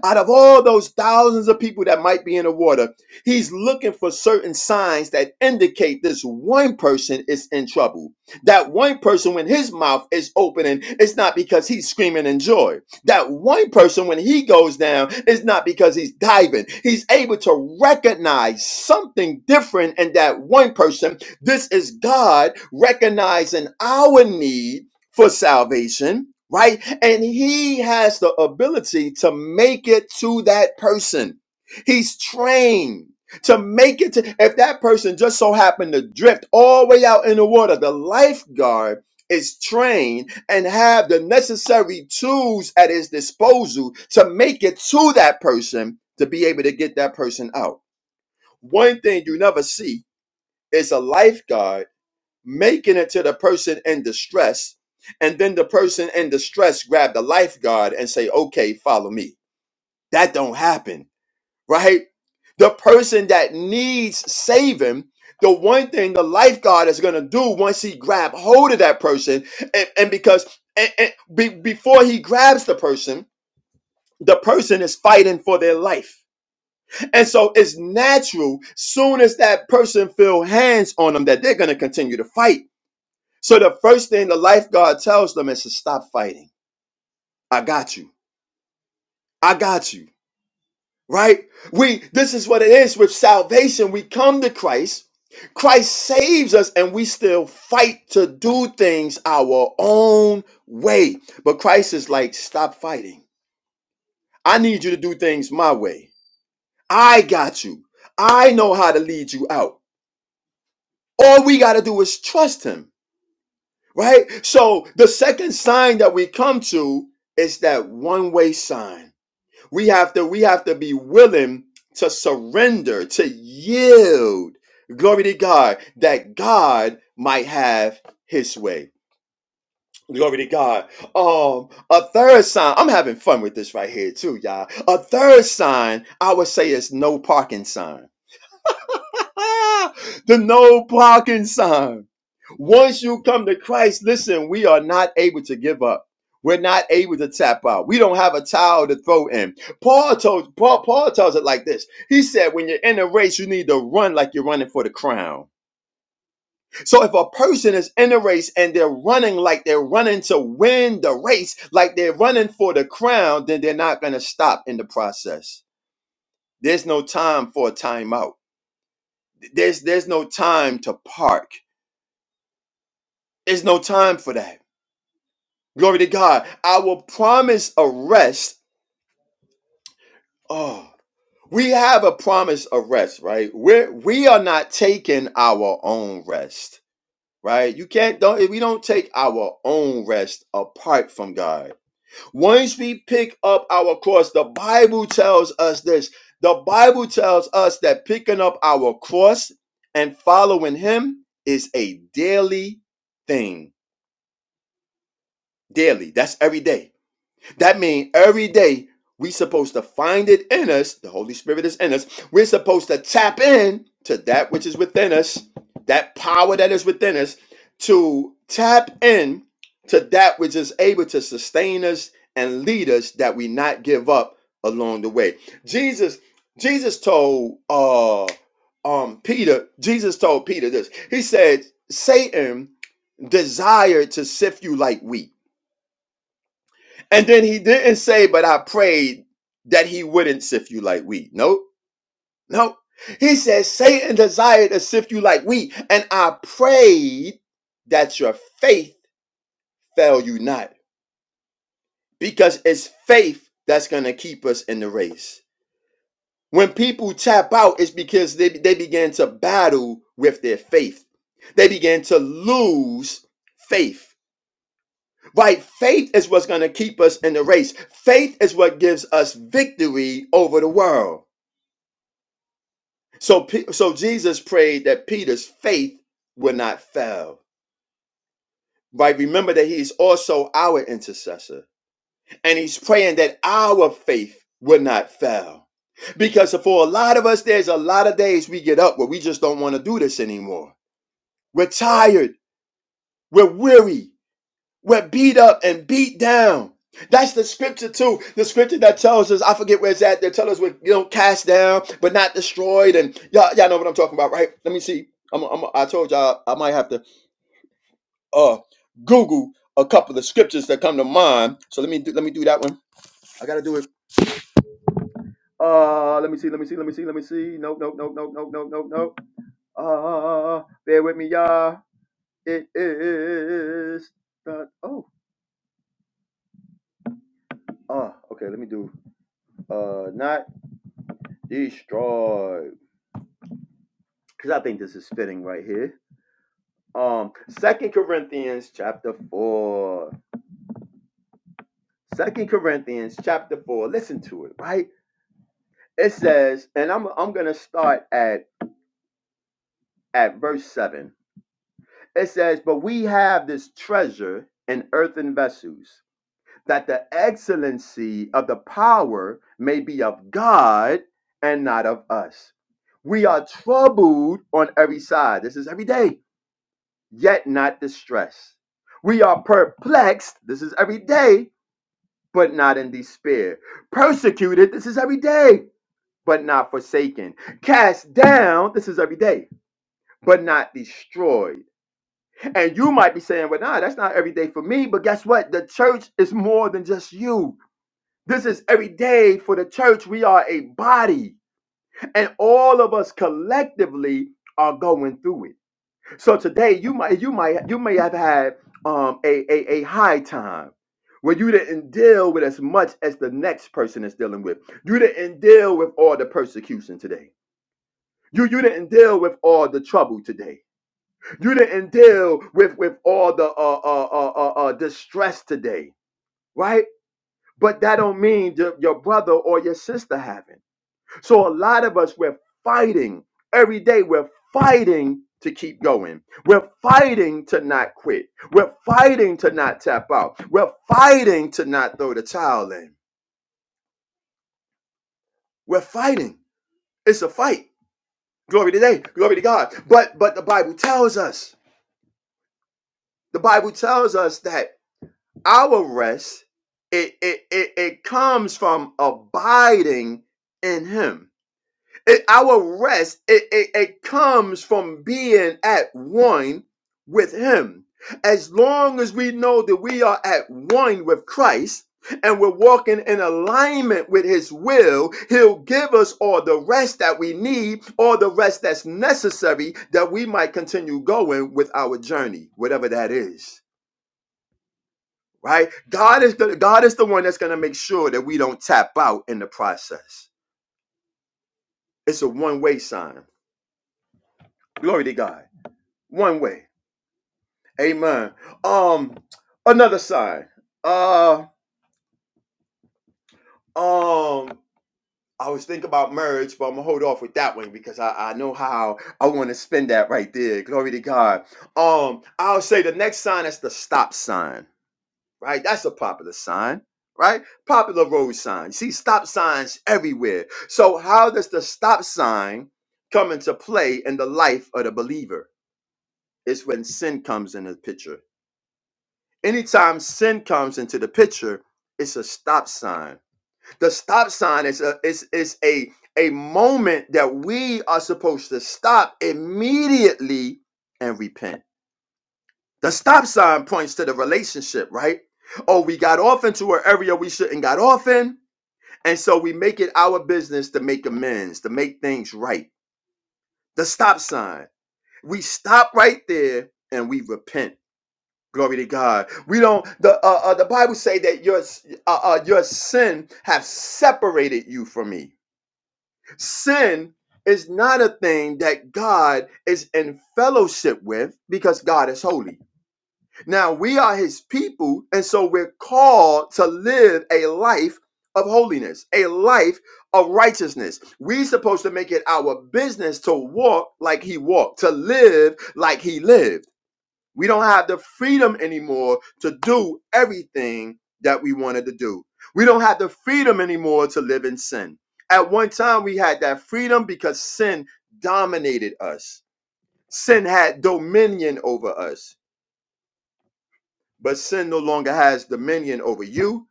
Speaker 3: Out of all those thousands of people that might be in the water, he's looking for certain signs that indicate this one person is in trouble. That one person, when his mouth is opening, it's not because he's screaming in joy. That one person, when he goes down, it's not because he's diving. He's able to recognize something different in that one person. This is God recognizing our need for salvation, right? And he has the ability to make it to that person. He's trained to make it to, if that person just so happened to drift all the way out in the water, the lifeguard is trained and have the necessary tools at his disposal to make it to that person to be able to get that person out. One thing you never see is a lifeguard making it to the person in distress and then the person in distress grab the lifeguard and say okay follow me that don't happen right the person that needs saving the one thing the lifeguard is going to do once he grab hold of that person and, and because and, and be, before he grabs the person the person is fighting for their life and so it's natural soon as that person feel hands on them that they're going to continue to fight so the first thing the lifeguard tells them is to stop fighting. I got you. I got you. Right? We this is what it is with salvation. We come to Christ. Christ saves us and we still fight to do things our own way. But Christ is like, stop fighting. I need you to do things my way. I got you. I know how to lead you out. All we got to do is trust him, right? So the second sign that we come to is that one way sign We have to we have to be willing to surrender, to yield. Glory to God that God might have his way. Glory to God. Um, a third sign. I'm having fun with this right here too, y'all. A third sign I would say is no parking sign Ah, the no parking sign. Once you come to Christ, listen, we are not able to give up. We're not able to tap out. We don't have a towel to throw in. Paul told Paul, Paul tells it like this. He said, when you're in a race, you need to run like you're running for the crown. So if a person is in a race and they're running like they're running to win the race, like they're running for the crown, then they're not gonna stop in the process. There's no time for a timeout. There's there's no time to park There's no time for that. Glory to God. Our promised arrest. Oh, we have a promised arrest, right? We're we are not taking our own rest, right? You can't don't we don't take our own rest apart from God. Once we pick up our cross, the Bible tells us this. The Bible tells us that picking up our cross and following him is a daily thing. Daily. That's every day. That means every day we we're supposed to find it in us. The Holy Spirit is in us. We're supposed to tap in to that which is within us, that power that is within us, to tap in to that which is able to sustain us and lead us that we not give up along the way. Jesus, Jesus told uh um Peter, Jesus told Peter this. He said, Satan desired to sift you like wheat and then he didn't say, but I prayed that he wouldn't sift you like wheat. Nope, nope. He says, Satan desired to sift you like wheat, and I prayed that your faith fail you not, because it's faith that's going to keep us in the race. When people tap out, it's because they, they began to battle with their faith. They began to lose faith. Right? Faith is what's going to keep us in the race. Faith is what gives us victory over the world. So, Pe- so Jesus prayed that Peter's faith would not fail. Right? Remember that he's also our intercessor, and he's praying that our faith would not fail. Because for a lot of us, there's a lot of days we get up where we just don't want to do this anymore. We're tired. We're weary. We're beat up and beat down. That's the scripture too. The scripture that tells us, I forget where it's at, they tell us we're you know cast down, but not destroyed. And y'all, y'all know what I'm talking about, right? Let me see. I'm, I'm I told y'all I might have to uh Google a couple of scriptures that come to mind. So let me do let me do that one. I gotta do it. Uh let me see, let me see, let me see, let me see. Nope, nope, nope, nope, nope, nope, nope, nope. Uh bear with me, y'all. It is not, oh uh okay, let me do uh not destroyed. Because I think this is fitting right here. Um, Second Corinthians chapter four. Second Corinthians chapter four. Listen to it, right? It says, and I'm I'm gonna start at at verse seven. It says, but we have this treasure in earthen vessels, that the excellency of the power may be of God and not of us. We are troubled on every side. This is every day yet not distressed. We are perplexed, this is every day, but not in despair. Persecuted, this is every day, but not forsaken. Cast down, this is every day, but not destroyed. And you might be saying, well, nah, that's not every day for me, but guess what? The church is more than just you. This is every day for the church. We are a body, and all of us collectively are going through it. So today you might you might you may have had um a, a, a high time where you didn't deal with as much as the next person is dealing with. You didn't deal with all the persecution today. You you didn't deal with all the trouble today. You didn't deal with with all the uh uh uh uh, uh distress today, right? But that don't mean your, your brother or your sister haven't. So a lot of us, we're fighting every day. We're fighting to keep going. We're fighting to not quit. We're fighting to not tap out. We're fighting to not throw the towel in. We're fighting. It's a fight. Glory to day. Glory to God. But but the Bible tells us. The Bible tells us that our rest it it it, it comes from abiding in Him. It- our rest it, it, it comes from being at one with him as long as we know that we are at one with christ and we're walking in alignment with his will he'll give us all the rest that we need all the rest that's necessary that we might continue going with our journey whatever that is right god is the, god is the one that's going to make sure that we don't tap out in the process it's a one-way sign glory to god one way. Amen. Um, another side. Uh, um, I was thinking about marriage, but I'm gonna hold off with that one because I, I know how I want to spend that right there. Glory to God. Um, I'll say the next sign is the stop sign. Right, that's a popular sign. Right, popular road sign. You see stop signs everywhere. So how does the stop sign come into play in the life of the believer? It's when sin comes in the picture Anytime sin comes into the picture, it's a stop sign. The stop sign is a is is a a moment that we are supposed to stop immediately and repent. The stop sign points to the relationship, right? Oh, we got off into an area we shouldn't got off in, and so we make it our business to make amends, to make things right. The stop sign. We stop right there and we repent. Glory to God. We don't. The uh, uh, the Bible say that your uh, uh, your sin have separated you from me. Sin is not a thing that God is in fellowship with because God is holy. Now we are His people, and so we're called to live a life of holiness, a life of righteousness. We're supposed to make it our business to walk like He walked, to live like He lived. We don't have the freedom anymore to do everything that we wanted to do. We don't have the freedom anymore to live in sin. At one time, we had that freedom because sin dominated us, sin had dominion over us. But sin no longer has dominion over you,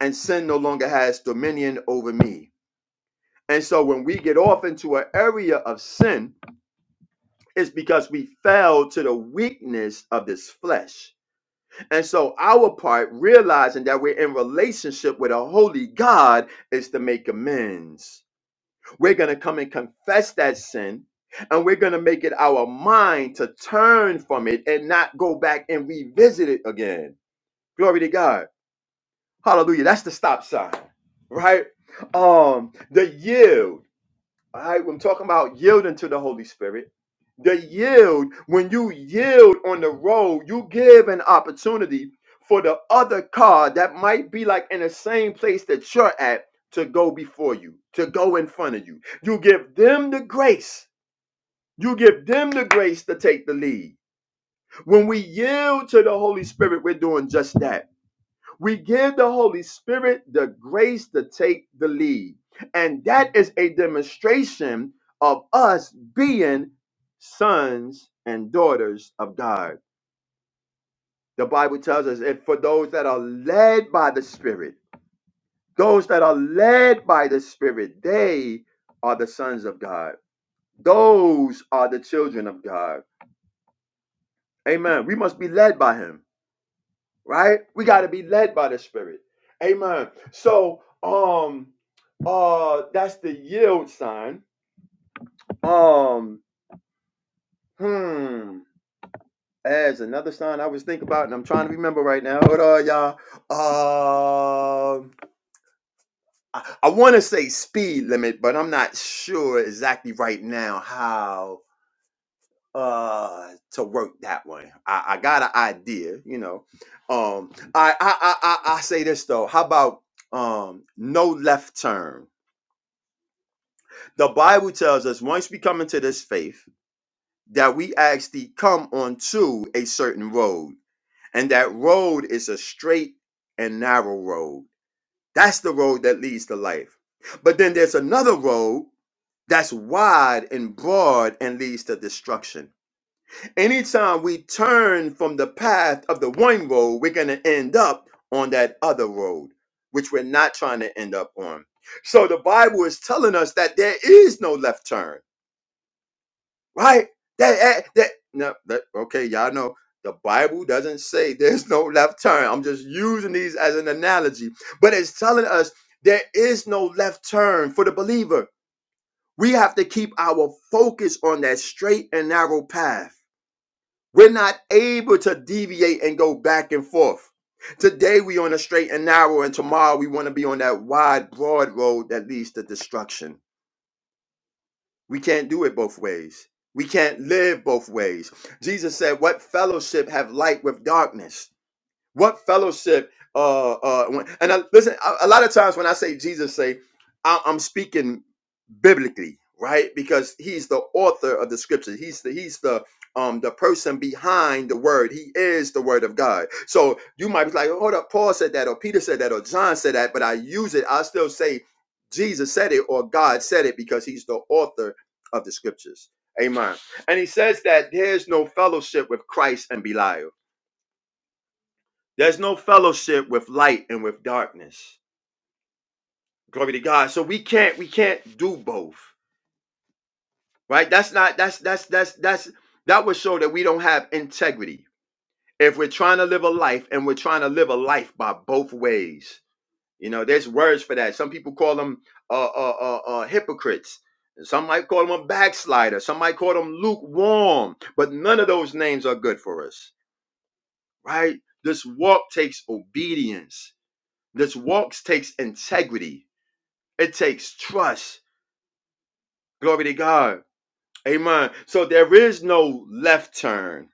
Speaker 3: and sin no longer has dominion over me. And so when we get off into an area of sin, it's because we fell to the weakness of this flesh And so our part, realizing that we're in relationship with a holy God, is to make amends. We're going to come and confess that sin, and we're going to make it our mind to turn from it and not go back and revisit it again. Glory to God. Hallelujah. That's the stop sign, right? Um, the yield. All right, I'm talking about yielding to the Holy Spirit. The yield, when you yield on the road, you give an opportunity for the other car that might be like in the same place that you're at to go before you, to go in front of you. You give them the grace. You give them the grace to take the lead. When we yield to the Holy Spirit, we're doing just that we give the Holy Spirit the grace to take the lead. And that is a demonstration of us being sons and daughters of God. The Bible tells us that for those that are led by the Spirit, those that are led by the Spirit, they are the sons of God. Those are the children of God. Amen. We must be led by Him. right? We got to be led by the Spirit. Amen. So, um, uh, that's the yield sign. Um, hmm. As another sign I was thinking about, and I'm trying to remember right now. Hold on, y'all. Um, I, I want to say speed limit, but I'm not sure exactly right now how. uh to work that one. I, I got an idea, you know. Um I, I I I I say this though. How about um no left turn? The Bible tells us once we come into this faith that we actually come onto a certain road, and that road is a straight and narrow road. That's the road that leads to life. But then there's another road that's wide and broad and leads to destruction. Anytime we turn from the path of the one road, we're going to end up on that other road, which we're not trying to end up on. So the Bible is telling us that there is no left turn, right? That, that, no, that, okay, y'all know the Bible doesn't say there's no left turn. I'm just using these as an analogy, but it's telling us there is no left turn for the believer. We have to keep our focus on that straight and narrow path we're not able to deviate and go back and forth. Today we on a straight and narrow, and tomorrow we want to be on that wide, broad road that leads to destruction. We can't do it both ways. We can't live both ways. Jesus said, What fellowship have light with darkness? What fellowship? Uh, uh, when, and I, listen, a, a lot of times when I say Jesus, say I, I'm speaking biblically, right? Because he's the author of the scriptures. He's the he's the um the person behind the word. He is the word of God. So you might be like, hold up, Paul said that, or Peter said that, or John said that, but I use it. I still say Jesus said it or God said it because he's the author of the scriptures. Amen. And he says that there's no fellowship with Christ and Belial. There's no fellowship with light and with darkness. Glory to God. So we can't we can't do both. Right? That's not that's that's that's that's that would show that we don't have integrity. If we're trying to live a life and we're trying to live a life by both ways. You know, there's words for that. Some people call them uh uh uh, uh hypocrites. Some might call them a backslider. Some might call them lukewarm. But none of those names are good for us. Right? This walk takes obedience. This walk takes integrity It takes trust. Glory to God. Amen. So there is no left turn.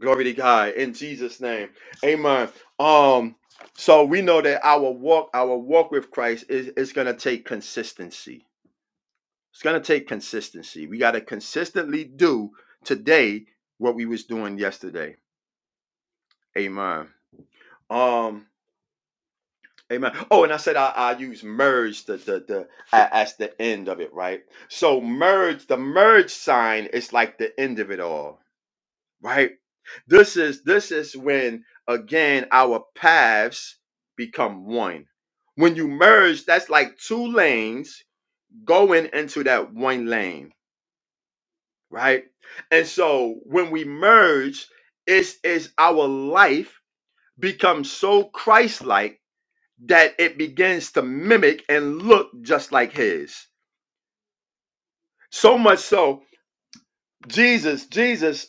Speaker 3: Glory to God in Jesus' name. Amen. Um, so we know that our walk, our walk with Christ is, is gonna take consistency. It's gonna take consistency. We gotta consistently do today what we was doing yesterday. Amen. Um, Amen. Oh, and I said I, I use merge the the the a- as the end of it, right? So merge the merge sign is like the end of it all, right? This is this is when again our paths become one. When you merge, that's like two lanes going into that one lane, right? And so when we merge, it's is our life becomes so Christ-like that it begins to mimic and look just like his. So much so, Jesus, Jesus,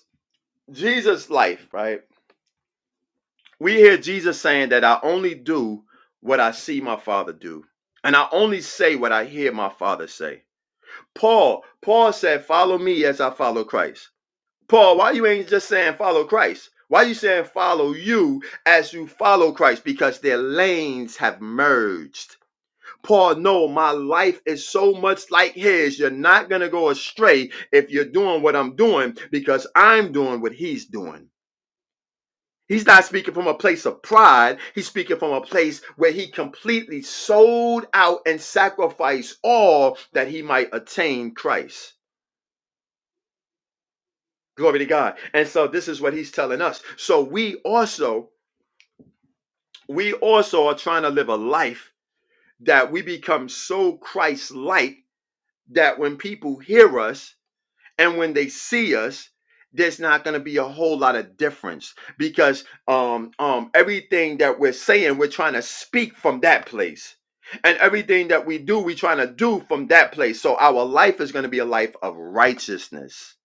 Speaker 3: Jesus' life, right? We hear Jesus saying that I only do what I see my father do, and I only say what I hear my father say. Paul, Paul said, Follow me as I follow Christ. Paul, why you ain't just saying follow Christ? Why you saying follow you as you follow Christ? Because their lanes have merged Paul, no, my life is so much like his. You're not going to go astray if you're doing what I'm doing because I'm doing what he's doing. He's not speaking from a place of pride. He's speaking from a place where he completely sold out and sacrificed all that he might attain Christ. Glory to God. And so this is what he's telling us. So we also, we also are trying to live a life that we become so Christ-like that when people hear us, and when they see us there's not going to be a whole lot of difference because um um everything that we're saying we're trying to speak from that place and everything that we do we're trying to do from that place so our life is going to be a life of righteousness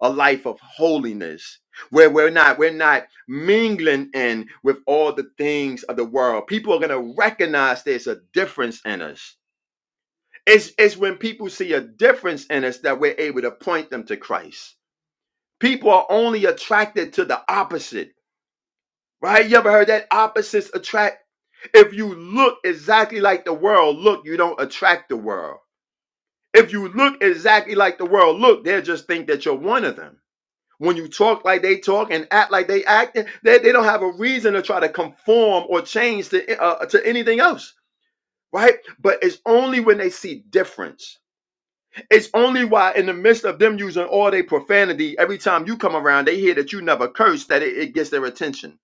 Speaker 3: a life of holiness where we're not we're not mingling in with all the things of the world people are going to recognize there's a difference in us it's, it's when people see a difference in us that we're able to point them to christ People are only attracted to the opposite, right? You ever heard that opposites attract? If you look exactly like the world, look, you don't attract the world. If you look exactly like the world, look, they'll just think that you're one of them. When you talk like they talk and act like they act, they, they don't have a reason to try to conform or change to, uh, to anything else, right? But it's only when they see difference It's only why, in the midst of them using all their profanity, every time you come around, they hear that you never curse, that it, it gets their attention.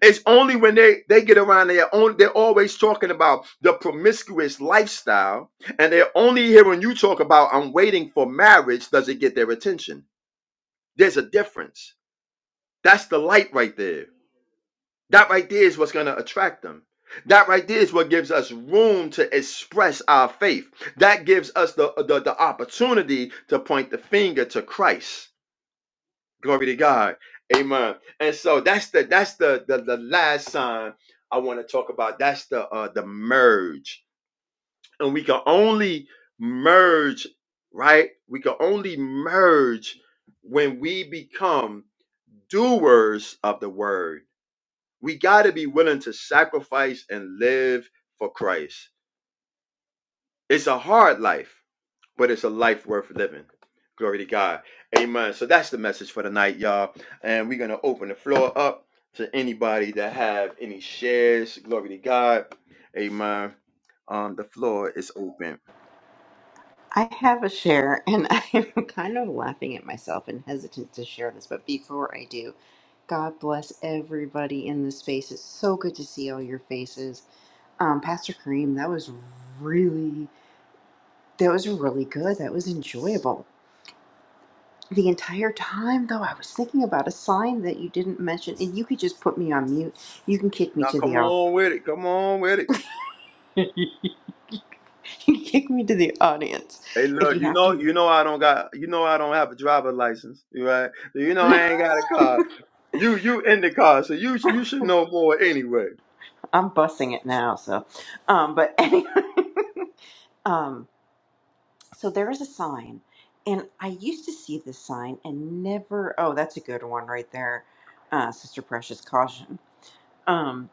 Speaker 3: It's only when they, they get around, they're, only, they're always talking about the promiscuous lifestyle, and they're only hearing you talk about, I'm waiting for marriage, does it get their attention? There's a difference. That's the light right there. That right there is what's going to attract them. That right there is what gives us room to express our faith. That gives us the, the, the opportunity to point the finger to Christ. Glory to God. Amen. And so that's the that's the the, the last sign I want to talk about. That's the uh the merge. And we can only merge, right? We can only merge when we become doers of the word we got to be willing to sacrifice and live for Christ. It's a hard life, but it's a life worth living. Glory to God. Amen. So that's the message for tonight, y'all. And we're going to open the floor up to anybody that have any shares. Glory to God. Amen. Um, the floor is open.
Speaker 2: I have a share, and I'm kind of laughing at myself and hesitant to share this, but before I do, God bless everybody in this space. It's so good to see all your faces. Um, Pastor Kareem, that was really that was really good. That was enjoyable. the entire time though i was thinking about a sign that you didn't mention and you could just put me on mute you can kick me
Speaker 3: Now,
Speaker 2: to
Speaker 3: come
Speaker 2: the off
Speaker 3: on with it. Come on with it.
Speaker 2: you can kick me to the audience
Speaker 3: Hey,
Speaker 2: if
Speaker 3: look,
Speaker 2: you
Speaker 3: you
Speaker 2: have
Speaker 3: know,
Speaker 2: to
Speaker 3: you know, I don't got, you know, I don't have a driver license, you right? So you know, I ain't got a car. You, you in the car, so you, you should know more anyway.
Speaker 2: i'm bussing it now so um but anyway um so there is a sign and i used to see this sign and never oh that's a good one right there uh sister precious caution um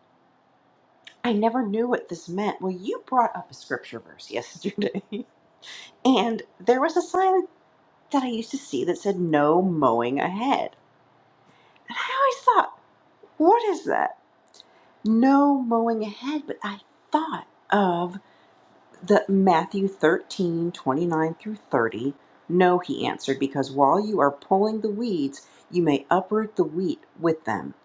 Speaker 2: i never knew what this meant well you brought up a scripture verse yesterday and there was a sign that I used to see that said no mowing ahead. And I always thought, what is that? No mowing ahead, but I thought of the Matthew 13 29 through 30. No, he answered, because while you are pulling the weeds, you may uproot the wheat with them.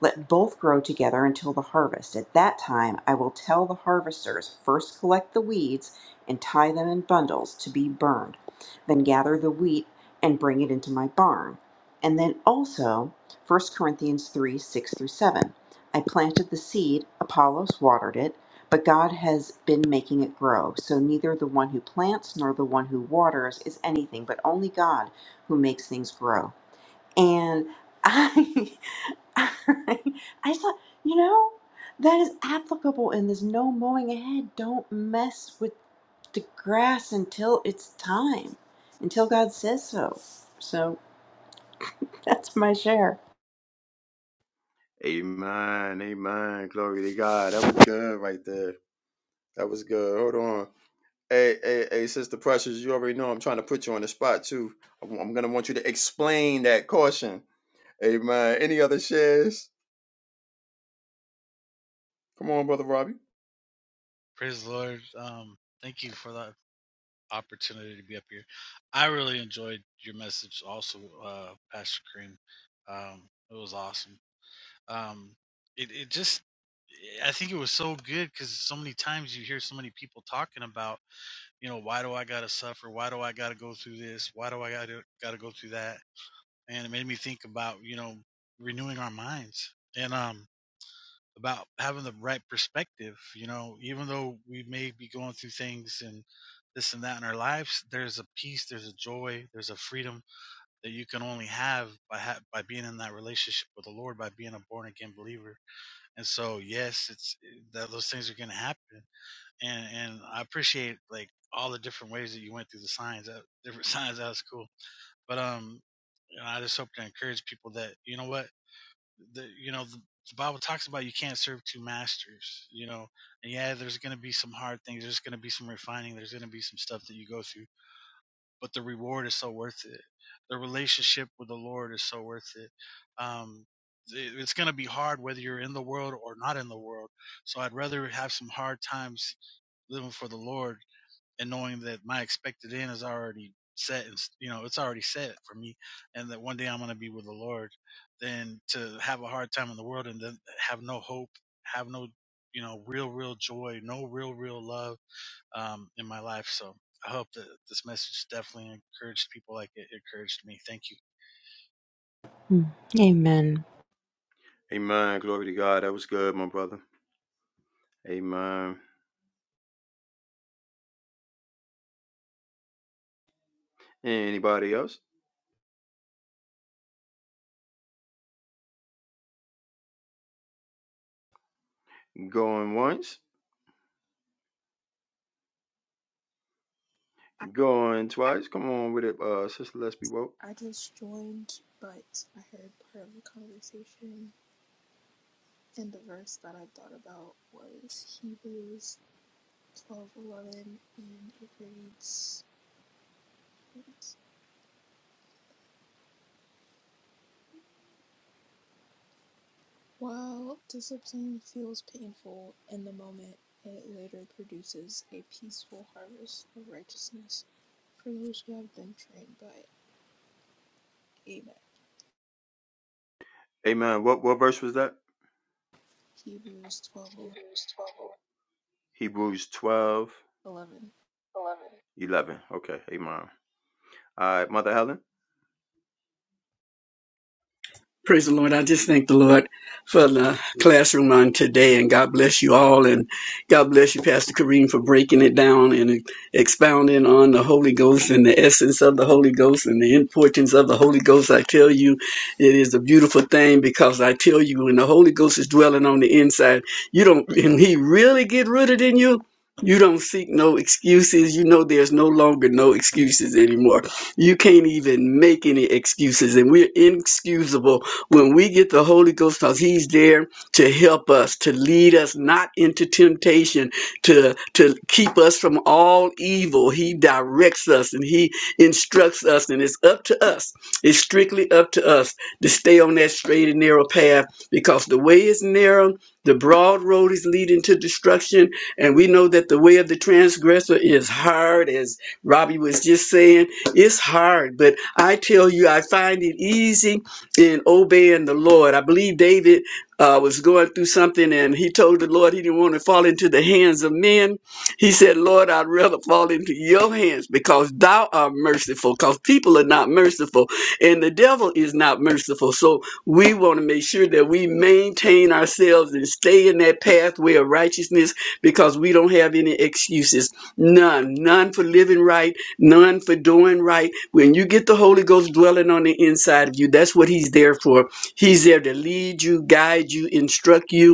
Speaker 2: Let both grow together until the harvest. At that time, I will tell the harvesters first collect the weeds and tie them in bundles to be burned, then gather the wheat and bring it into my barn. And then also, First Corinthians 3, 6 through 7. I planted the seed, Apollos watered it but God has been making it grow. So neither the one who plants nor the one who waters is anything, but only God who makes things grow. And I, I, thought, you know, that is applicable in this no mowing ahead. Don't mess with the grass until it's time, until God says so. So that's my share.
Speaker 3: Amen, amen, glory to God. That was good right there. That was good. Hold on. Hey, hey, hey, sister Precious, you already know I'm trying to put you on the spot too. I'm, I'm gonna want you to explain that caution. Amen. Any other shares? Come on, brother Robbie.
Speaker 4: Praise the Lord. Um, thank you for the opportunity to be up here. I really enjoyed your message, also, uh, Pastor Kareem. Um, it was awesome. Um, it, it just, I think it was so good because so many times you hear so many people talking about, you know, why do I gotta suffer? Why do I gotta go through this? Why do I gotta gotta go through that? And it made me think about, you know, renewing our minds. And um, about having the right perspective. You know, even though we may be going through things and this and that in our lives, there's a peace, there's a joy, there's a freedom that you can only have by ha- by being in that relationship with the Lord, by being a born again believer. And so, yes, it's eh, that those things are going to happen. And and I appreciate like all the different ways that you went through the signs, uh, different signs. That was cool. But um, and I just hope to encourage people that you know what the you know the, the Bible talks about you can't serve two masters. You know, and yeah, there's going to be some hard things. There's going to be some refining. There's going to be some stuff that you go through, but the reward is so worth it. The relationship with the Lord is so worth it. Um, it- it's going to be hard whether you're in the world or not in the world. So I'd rather have some hard times living for the Lord and knowing that my expected end is already set and you know it's already set for me and that one day i'm going to be with the lord than to have a hard time in the world and then have no hope have no you know real real joy no real real love um, in my life so i hope that this message definitely encouraged people like it encouraged me thank you
Speaker 2: Hmm. Amen.
Speaker 3: Amen. Glory to God. That was good, my brother. Amen. Anybody else? Going once?
Speaker 5: I,
Speaker 3: Going twice. Come on with it, uh, sister. Let's be woke.
Speaker 5: I just joined, but I heard part of the conversation, and the verse that I thought about was Hebrews twelve eleven, and it reads, While discipline feels painful in the moment, it later produces a peaceful harvest of righteousness for those who have been trained by it. Amen.
Speaker 3: Amen. What what verse was that?
Speaker 5: Hebrews twelve
Speaker 3: Hebrews 12
Speaker 5: eleven.
Speaker 3: 11. Okay. Amen. All right, Mother Helen.
Speaker 6: Praise the Lord. I just thank the Lord for the classroom on today, and God bless you all. And God bless you, Pastor Kareem, for breaking it down and expounding on the Holy Ghost and the essence of the Holy Ghost and the importance of the Holy Ghost. I tell you, it is a beautiful thing because I tell you, when the Holy Ghost is dwelling on the inside, you don't, and He really get rooted in you. You don't seek no excuses. You know there's no longer no excuses anymore. You can't even make any excuses, and we're inexcusable when we get the Holy Ghost, because He's there to help us, to lead us not into temptation, to, to keep us from all evil. He directs us and He instructs us, and it's up to us. It's strictly up to us to stay on that straight and narrow path because the way is narrow, the broad road is leading to destruction, and we know that the way of the transgressor is hard, as Robbie was just saying. It's hard, but I tell you, I find it easy in obeying the Lord. I believe David uh, was going through something and he told the Lord he didn't want to fall into the hands of men. He said, Lord, I'd rather fall into your hands because thou art merciful, because people are not merciful and the devil is not merciful. So we want to make sure that we maintain ourselves and stay in that pathway of righteousness because we don't have any excuses. None. None for living right none for doing right. When you get the Holy Ghost dwelling on the inside of you, that's what He's there for. He's there to lead you, guide you, instruct you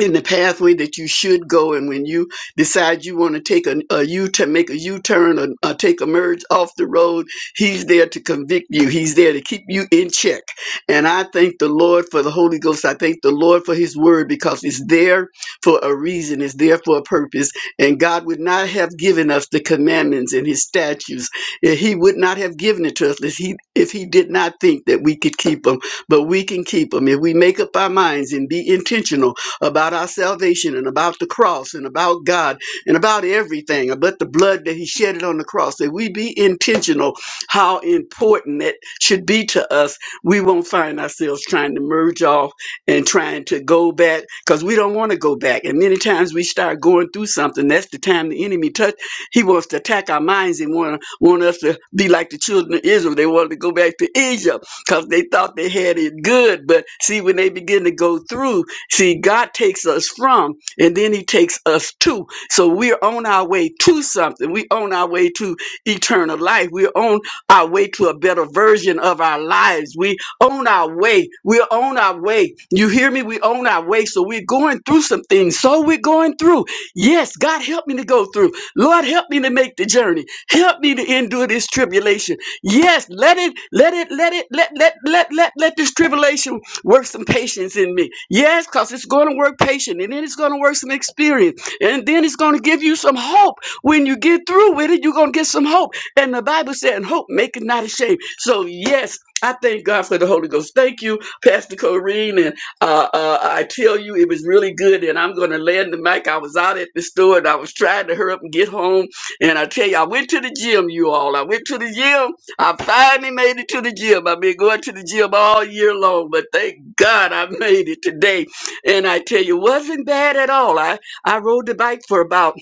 Speaker 6: in the pathway that you should go and when you decide you want to take a, a u-turn make a u-turn or, or take a merge off the road he's there to convict you he's there to keep you in check and i thank the lord for the holy ghost i thank the lord for his word because it's there for a reason it's there for a purpose and god would not have given us the commandments and his statutes eh, he would not have given it to us if he, if he did not think that we could keep them but we can keep them if we make up our minds and be intentional about our salvation and about the cross and about God and about everything, about the blood that He shedded on the cross, that we be intentional how important it should be to us. We won't find ourselves trying to merge off and trying to go back because we don't want to go back. And many times we start going through something. That's the time the enemy touch. He wants to attack our minds and want want us to be like the children of Israel. They wanted to go back to Egypt because they thought they had it good. But see, when they begin to go through See, God takes us from and then he takes us to. So we're on our way to something. We're on our way to eternal life. We're on our way to a better version of our lives. We on our way. We're on our way. You hear me? We're on our way. So we're going through some things. So we're going through. Yes, God help me to go through. Lord, help me to make the journey. Help me to endure this tribulation. Yes, let it, let it, let it, let, let, let, let, let this tribulation work some patience in me. Yes, because it's going to work patience, and then it's going to work some experience, and then it's going to give you some hope. When you get through with it, you're going to get some hope. And the Bible said, "And hope maketh not ashamed. So, yes, I thank God for the Holy Ghost. Thank you, Pastor Corrine. And uh, uh, I tell you, it was really good. And I'm going to land the mic. I was out at the store and I was trying to hurry up and get home. And I tell you, I went to the gym, you all. I went to the gym I finally made it to the gym. I've been going to the gym all year long, but thank God I made it today. And I tell you, wasn't bad at all. I, I rode the bike for about,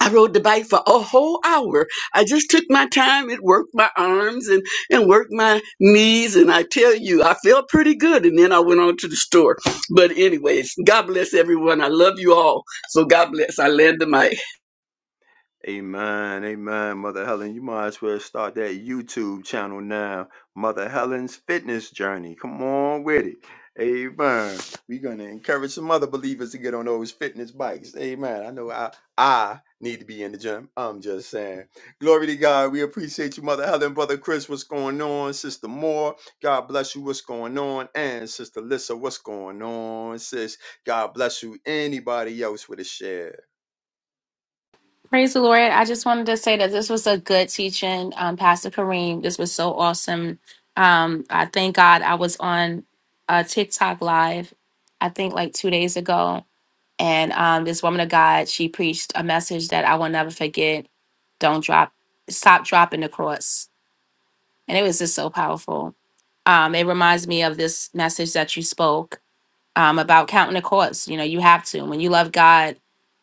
Speaker 6: I rode the bike for a whole hour. I just took my time. It worked my arms and, and worked my knees. And I tell you, I felt pretty good. And then I went on to the store. But anyways, God bless everyone. I love you all. So God bless. I land the mic.
Speaker 3: Amen, amen, Mother Helen. You might as well start that YouTube channel now, Mother Helen's Fitness Journey. Come on with it. Amen. We're gonna encourage some other believers to get on those fitness bikes. Amen. I know I I need to be in the gym. I'm just saying. Glory to God. We appreciate you, Mother Helen, Brother Chris. What's going on, Sister Moore? God bless you. What's going on? And Sister Lissa, what's going on, sis? God bless you. Anybody else with a share?
Speaker 7: Praise the Lord. I just wanted to say that this was a good teaching, um, Pastor Kareem. This was so awesome. Um, I thank God I was on uh, TikTok live, I think like two days ago. And um, this woman of God, she preached a message that I will never forget. Don't drop, stop dropping the cross. And it was just so powerful. Um, it reminds me of this message that you spoke um, about counting the cost. You know, you have to. When you love God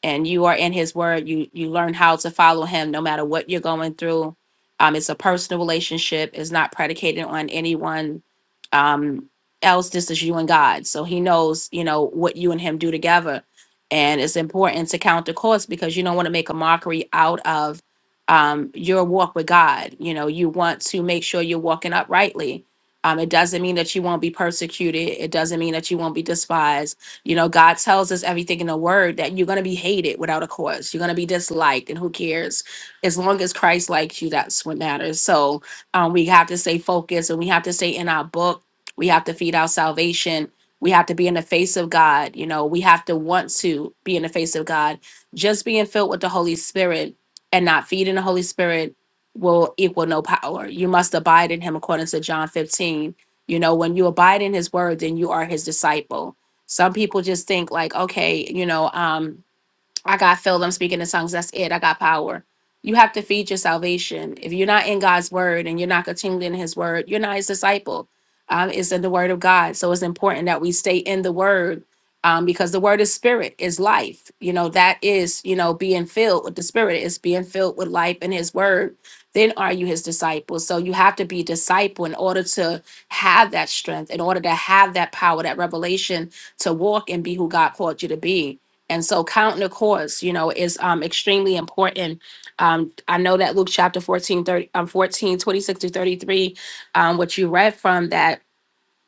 Speaker 7: and you are in His Word, you you learn how to follow Him no matter what you're going through. Um, it's a personal relationship. It's not predicated on anyone um, else. This is you and God. So He knows, you know, what you and Him do together. And it's important to count the cost because you don't want to make a mockery out of um, your walk with God. You know, you want to make sure you're walking uprightly um, it doesn't mean that you won't be persecuted. It doesn't mean that you won't be despised. You know, God tells us everything in the word that you're going to be hated without a cause. You're going to be disliked, and who cares? As long as Christ likes you, that's what matters. So um, we have to stay focused and we have to stay in our book. We have to feed our salvation. We have to be in the face of God. You know, we have to want to be in the face of God. Just being filled with the Holy Spirit and not feeding the Holy Spirit will equal no power. You must abide in him according to John 15. You know, when you abide in his word, then you are his disciple. Some people just think like, okay, you know, um, I got filled. I'm speaking in tongues. That's it. I got power. You have to feed your salvation. If you're not in God's word and you're not continuing in his word, you're not his disciple. Um, it's in the word of God. So it's important that we stay in the word um, because the word is spirit, is life. You know, that is, you know, being filled with the spirit is being filled with life in his word. Then are you his disciple? So you have to be disciple in order to have that strength, in order to have that power, that revelation to walk and be who God called you to be and so counting the cost, you know, is um extremely important. Um, I know that Luke chapter 14, thirty, um, 14, twenty-six to 33, um, what you read from that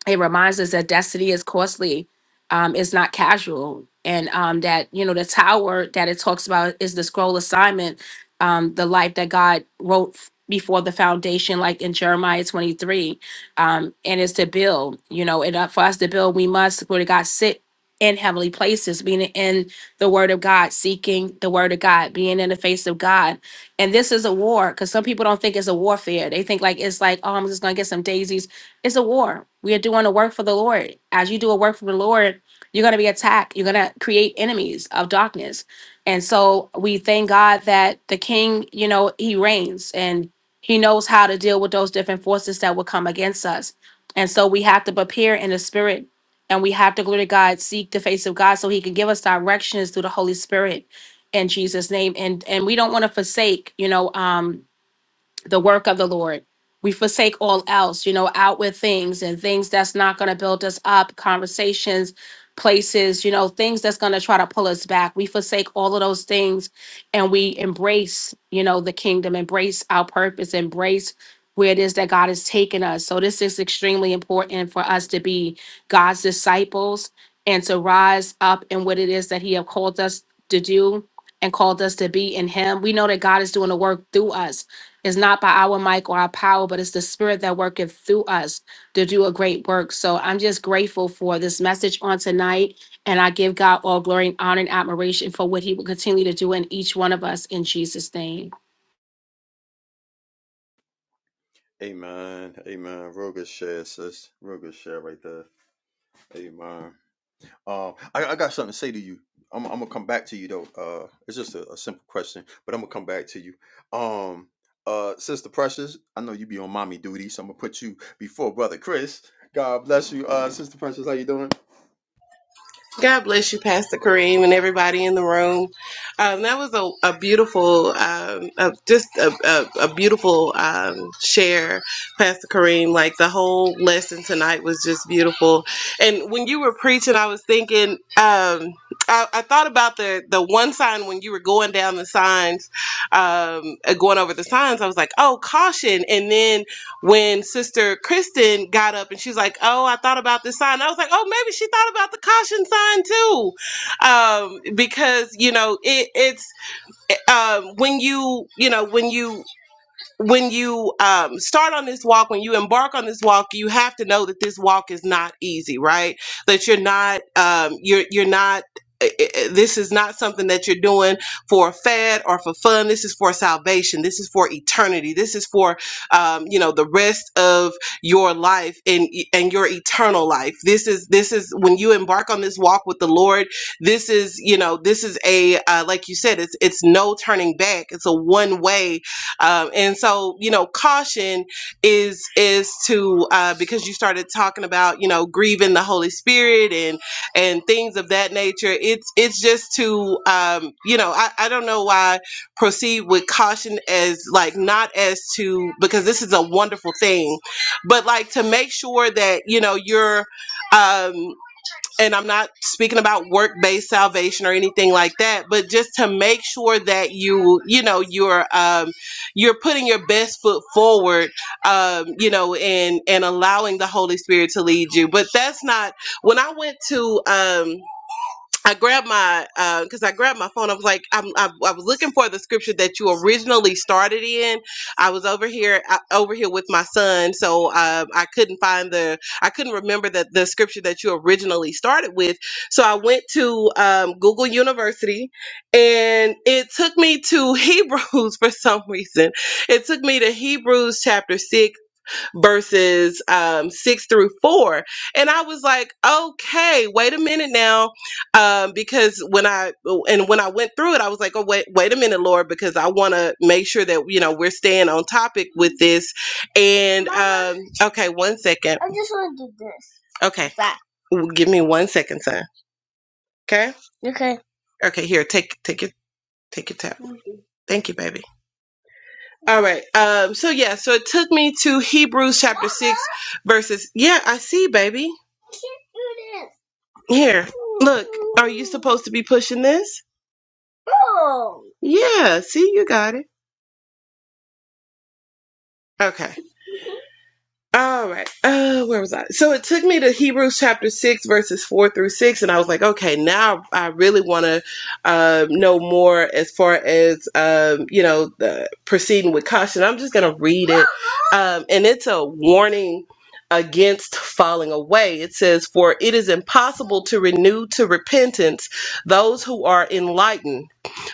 Speaker 7: it reminds us that destiny is costly um it's not casual and um that you know the tower that it talks about is the scroll assignment um the life that god wrote f- before the foundation like in jeremiah 23 um and it's to build you know and uh, for us to build we must glory to god sit in heavenly places being in the word of god seeking the word of god being in the face of god and this is a war because some people don't think it's a warfare they think like it's like oh i'm just gonna get some daisies it's a war. We are doing a work for the Lord. As you do a work for the Lord, you're going to be attacked. You're going to create enemies of darkness. And so we thank God that the king, you know, he reigns and he knows how to deal with those different forces that will come against us. And so we have to prepare in the spirit and we have to glory to God, seek the face of God so he can give us directions through the Holy Spirit in Jesus name. And and we don't want to forsake, you know, um the work of the Lord. We forsake all else, you know, outward things and things that's not going to build us up, conversations, places, you know, things that's going to try to pull us back. We forsake all of those things and we embrace, you know, the kingdom, embrace our purpose, embrace where it is that God has taken us. So this is extremely important for us to be God's disciples and to rise up in what it is that he have called us to do and called us to be in him. We know that God is doing the work through us it's not by our might or our power, but it's the spirit that worketh through us to do a great work. So I'm just grateful for this message on tonight. And I give God all glory and honor and admiration for what he will continue to do in each one of us in Jesus' name.
Speaker 3: Amen. Amen. Real good share, sis. Real good share right there. Amen. Um, I, I got something to say to you. I'm, I'm gonna come back to you though. Uh, it's just a, a simple question, but I'm gonna come back to you. Um, uh, sister Precious, I know you be on mommy duty, so I'm gonna put you before brother Chris. God bless you, uh, sister Precious. How you doing?
Speaker 8: God bless you, Pastor Kareem, and everybody in the room. Um, that was a, a beautiful, um, a, just a, a, a beautiful um, share, Pastor Kareem. Like the whole lesson tonight was just beautiful. And when you were preaching, I was thinking, um, I, I thought about the the one sign when you were going down the signs, um, uh, going over the signs. I was like, oh, caution! And then when Sister Kristen got up and she's like, "Oh, I thought about this sign." I was like, "Oh, maybe she thought about the caution sign too," um, because you know it, it's um, when you you know when you when you um, start on this walk, when you embark on this walk, you have to know that this walk is not easy, right? That you're not, um, you're you're not. i- i- This is not something that you're doing for a fad or for fun. This is for salvation. This is for eternity. This is for, um, you know, the rest of your life and and your eternal life. This is this is when you embark on this walk with the Lord. This is you know this is a uh, like you said, it's it's no turning back. It's a one way um, and so, you know, caution is is to uh, because you started talking about you know grieving the Holy Spirit and and things of that nature. It's it's just to um, you know I, I don't know why proceed with caution as like not as to because this is a wonderful thing, but like to make sure that you know you're. Um, and I'm not speaking about work based salvation or anything like that, but just to make sure that you, you know, you're um, you're putting your best foot forward, um, you know, and and allowing the Holy Spirit to lead you. But that's not when I went to um, I grabbed my because I grabbed my phone. I was like, I'm, I, I was looking for the scripture that you originally started in. I was over here I, over here with my son, so uh, I couldn't find the I couldn't remember that the scripture that you originally started with. So I went to um, Google University, and it took me to Hebrews for some reason. It took me to Hebrews chapter six verses um, six through four. And I was like, okay, wait a minute now, um, because when I and when I went through it, I was like, oh wait, wait a minute, Lord, because I want to make sure that you know we're staying on topic with this. And um, okay, one second. I just want to do this. Okay, W- give me one second, son. Okay. Okay, Okay. here, take take your take your tab. Thank you, baby. All right. Um, so yeah, so it took me to Hebrews chapter six verses yeah, I see, baby. I Can't do this. Here. Look, are you supposed to be pushing this? Oh. Yeah, see you got it. Okay. All right. Uh, where was I? So it took me to Hebrews chapter 6, verses 4 through 6, and I was like, okay, now I really want to um, know more as far as, um, you know, the proceeding with caution. I'm just going to read it. Um, and it's a warning against falling away. It says, For it is impossible to renew to repentance those who are enlightened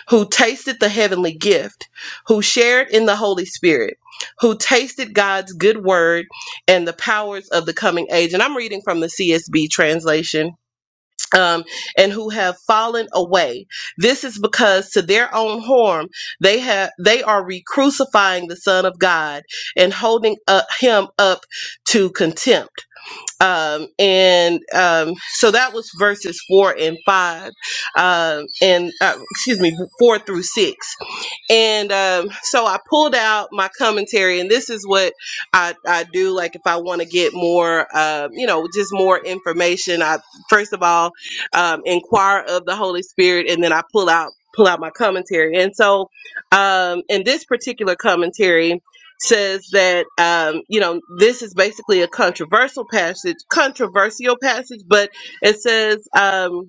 Speaker 8: who tasted the heavenly gift, who shared in the Holy Spirit, who tasted God's good word and the powers of the coming age. And I'm reading from the CSB translation. Um, and who have fallen away. This is because to their own harm they have they are re-crucifying the Son of God and holding up, him up to contempt. Um, and um, so that was verses four and five, um, and uh, excuse me, four through six. And um, so I pulled out my commentary, and this is what I, I do. Like if I want to get more, uh, you know, just more information, I first of all um, inquire of the Holy Spirit, and then I pull out pull out my commentary. And so, um, in this particular commentary says that um, you know this is basically a controversial passage, controversial passage, but it says. Um,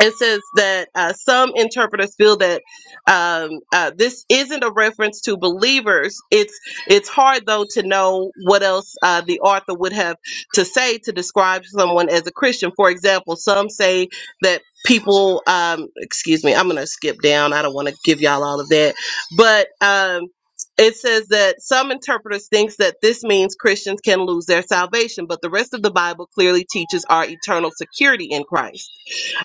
Speaker 8: it says that uh, some interpreters feel that um, uh, this isn't a reference to believers. It's it's hard though to know what else uh, the author would have to say to describe someone as a Christian. For example, some say that people. Um, excuse me, I'm gonna skip down. I don't want to give y'all all of that, but. Um, it says that some interpreters thinks that this means Christians can lose their salvation, but the rest of the Bible clearly teaches our eternal security in Christ.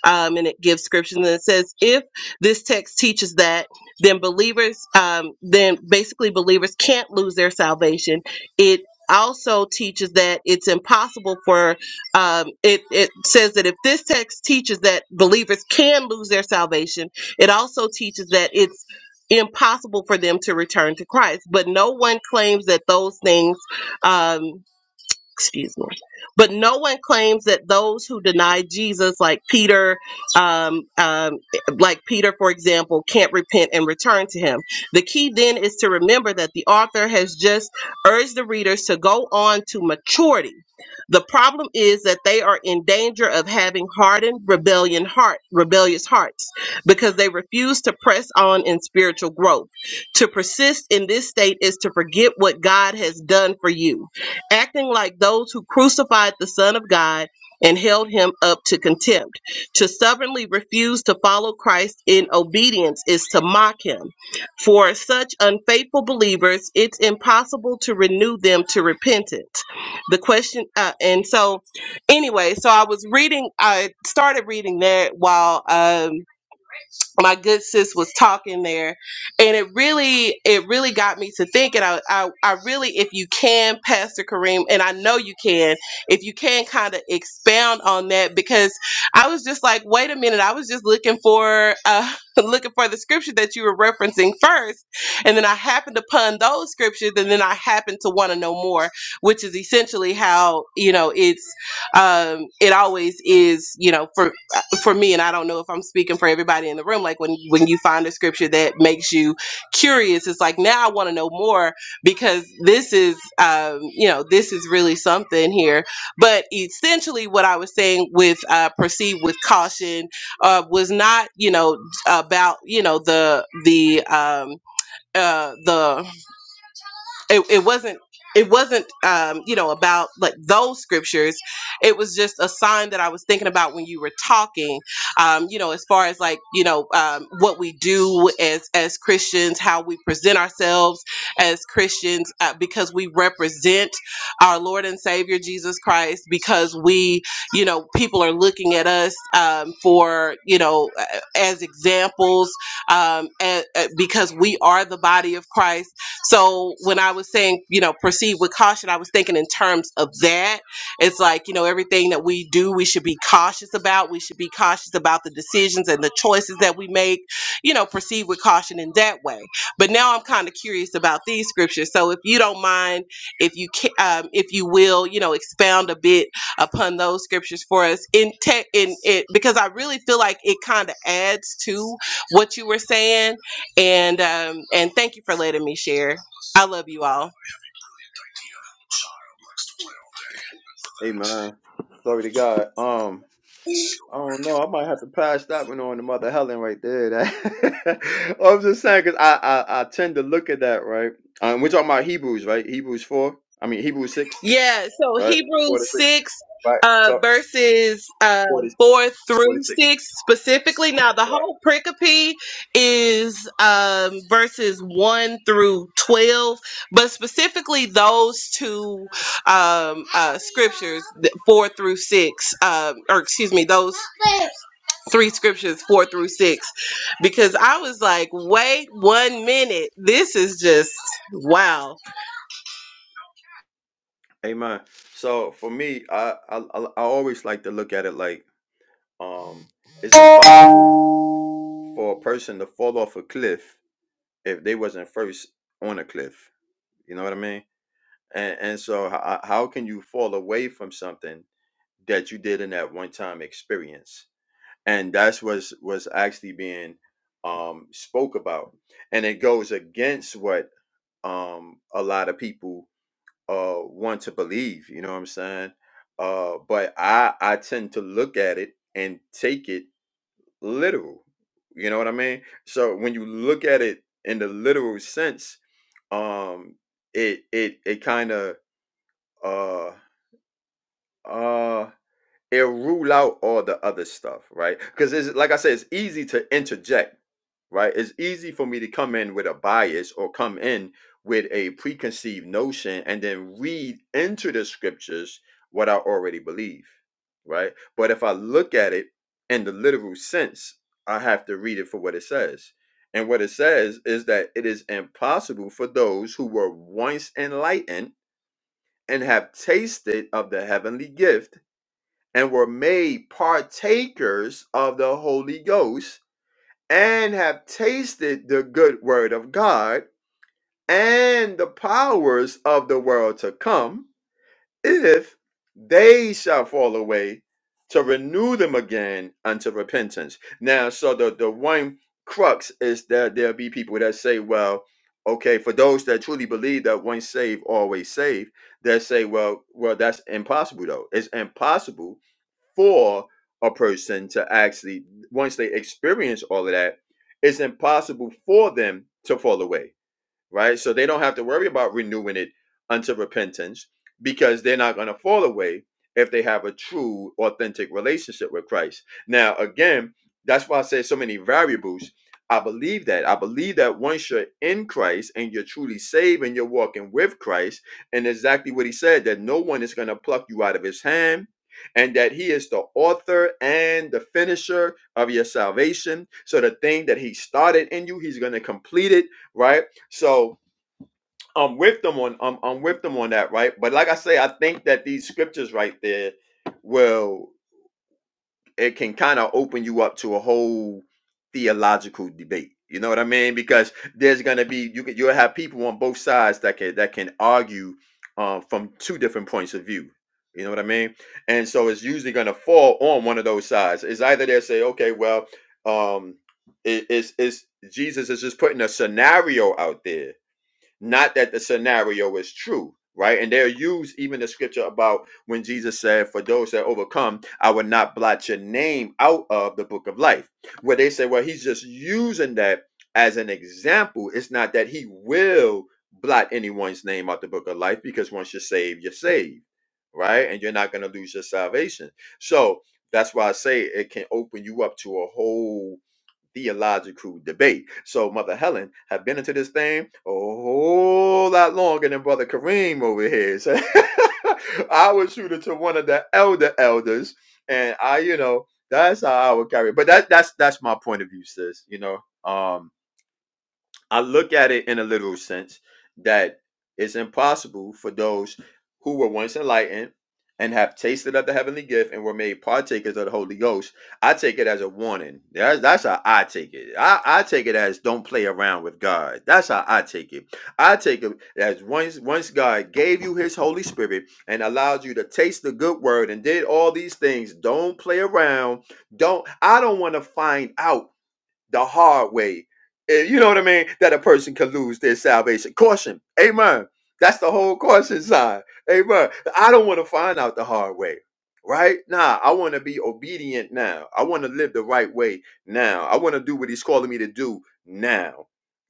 Speaker 8: Um, and it gives scriptures and it says, if this text teaches that, then believers, um, then basically believers can't lose their salvation. It also teaches that it's impossible for um, it, it says that if this text teaches that believers can lose their salvation it also teaches that it's impossible for them to return to christ but no one claims that those things um, excuse me. But no one claims that those who deny Jesus, like Peter, um, um, like Peter, for example, can't repent and return to him. The key then is to remember that the author has just urged the readers to go on to maturity. The problem is that they are in danger of having hardened rebellion heart, rebellious hearts because they refuse to press on in spiritual growth. To persist in this state is to forget what God has done for you acting like those who crucified the Son of God and held him up to contempt. To stubbornly refuse to follow Christ in obedience is to mock him. For such unfaithful believers, it's impossible to renew them to repentance. The question, uh, and so anyway, so I was reading, I started reading that while. Um, my good sis was talking there and it really it really got me to thinking I, I i really if you can pastor kareem and i know you can if you can kind of expound on that because i was just like wait a minute i was just looking for uh looking for the scripture that you were referencing first and then i happened upon those scriptures and then i happened to want to know more which is essentially how you know it's um it always is you know for uh, for me and i don't know if i'm speaking for everybody in the room like when when you find a scripture that makes you curious it's like now i want to know more because this is um you know this is really something here but essentially what i was saying with uh proceed with caution uh was not you know about you know the the um uh the it, it wasn't it wasn't um you know about like those scriptures it was just a sign that i was thinking about when you were talking um you know as far as like you know um what we do as as christians how we present ourselves as christians uh, because we represent our lord and savior jesus christ because we you know people are looking at us um for you know uh, as examples um a- a- because we are the body of christ so when I was saying, you know, proceed with caution, I was thinking in terms of that. It's like, you know, everything that we do, we should be cautious about. We should be cautious about the decisions and the choices that we make, you know, proceed with caution in that way. But now I'm kind of curious about these scriptures. So if you don't mind, if you can, um, if you will, you know, expound a bit upon those scriptures for us in tech in it because I really feel like it kind of adds to what you were saying and um, and thank you for letting me share. I love you all.
Speaker 3: Amen. Glory to God. Um, I don't know. I might have to pass that one on to Mother Helen right there. That I'm just saying because I, I I tend to look at that right. Um, we're talking about Hebrews, right? Hebrews four. I mean Hebrews six,
Speaker 8: Yeah, so
Speaker 3: right?
Speaker 8: Hebrews
Speaker 3: Forty six,
Speaker 8: 6
Speaker 3: right?
Speaker 8: uh
Speaker 3: So
Speaker 8: verses uh
Speaker 3: forty
Speaker 8: 4
Speaker 3: forty
Speaker 8: through
Speaker 3: six,
Speaker 8: 6 specifically. Now the
Speaker 3: right?
Speaker 8: whole pericope is um verses 1 through 12, but specifically those two um uh scriptures th- 4 through 6 um or excuse me, those three scriptures 4 through 6 because I was like, "Wait one minute. This is just wow."
Speaker 3: Amen. So for me, I, I I I always like to look at it like um, it's impossible for a person to fall off a cliff if they wasn't first on a cliff. You know what I mean? And and so how, how can you fall away from something? that you did in that one time experience and that's what's was actually being um spoke about and it goes against what um a lot of people uh want to believe you know what i'm saying uh but i i tend to look at it and take it literal you know what i mean so when you look at it in the literal sense um it it it kind of uh uh it'll rule out all the other stuff, right? Because it's like I said, it's easy to interject, right? It's easy for me to come in with a bias or come in with a preconceived notion and then read into the scriptures what I already believe, right? But if I look at it in the literal sense, I have to read it for what it says. And what it says is that it is impossible for those who were once enlightened and have tasted of the heavenly gift and were made partakers of the Holy Ghost and have tasted the good word of God and the powers of the world to come, if they shall fall away, to renew them again unto repentance. Now, so the, the one crux is that there'll be people that say, well, okay, for those that truly believe that once saved, always saved, they say, well, well, that's impossible though. It's impossible for a person to actually once they experience all of that, it's impossible for them to fall away right? So they don't have to worry about renewing it unto repentance because they're not going to fall away if they have a true, authentic relationship with Christ. Now, again, that's why I say so many variables. I believe that. I believe that once you're in Christ and you're truly saved and you're walking with Christ, and exactly what he said, that no one is going to pluck you out of his hand. And that he is the author and the finisher of your salvation. So the thing that he started in you, he's going to complete it right? So I'm with them on I'm I'm with them on that, right? But like I say, I think that these scriptures right there will it can kind of open you up to a whole theological debate. You know what I mean? Because there's gonna be you can you'll have people on both sides that can that can argue um, from two different points of view. You know what I mean? And so it's usually gonna fall on one of those sides. It's either they say, okay, well, um, it, it's it's Jesus is just putting a scenario out there not that the scenario is true, right? And they'll use even the scripture about when Jesus said, For those that overcome, I will not blot your name out of the book of life. Where they say, Well, he's just using that as an example. It's not that he will blot anyone's name out the book of life because once you're saved, you're saved, right? And you're not going to lose your salvation. So that's why I say it can open you up to a whole theological debate. So Mother Helen have been into this thing a whole lot longer than Brother Kareem over here. So I would shoot it to one of the elder elders, and I, you know, that's how I would carry. it. But that that's that's my point of view, sis. You know, um, I look at it in a literal sense that it's impossible for those who were once enlightened and have tasted of the heavenly gift and were made partakers of the Holy Ghost. I take it as a warning. That's, that's how I take it. I, I take it as don't play around with God. That's how I take it. I take it as once once God gave you his Holy Spirit and allowed you to taste the good word and did all these things, don't play around. Don't I don't want to find out the hard way. Eh, You know what I mean? That a person could lose their salvation. Caution. Amen. That's the whole caution sign. Amen. I don't want to find out the hard way. Right? Nah, I want to be obedient now. I want to live the right way now. I want to do what he's calling me to do now.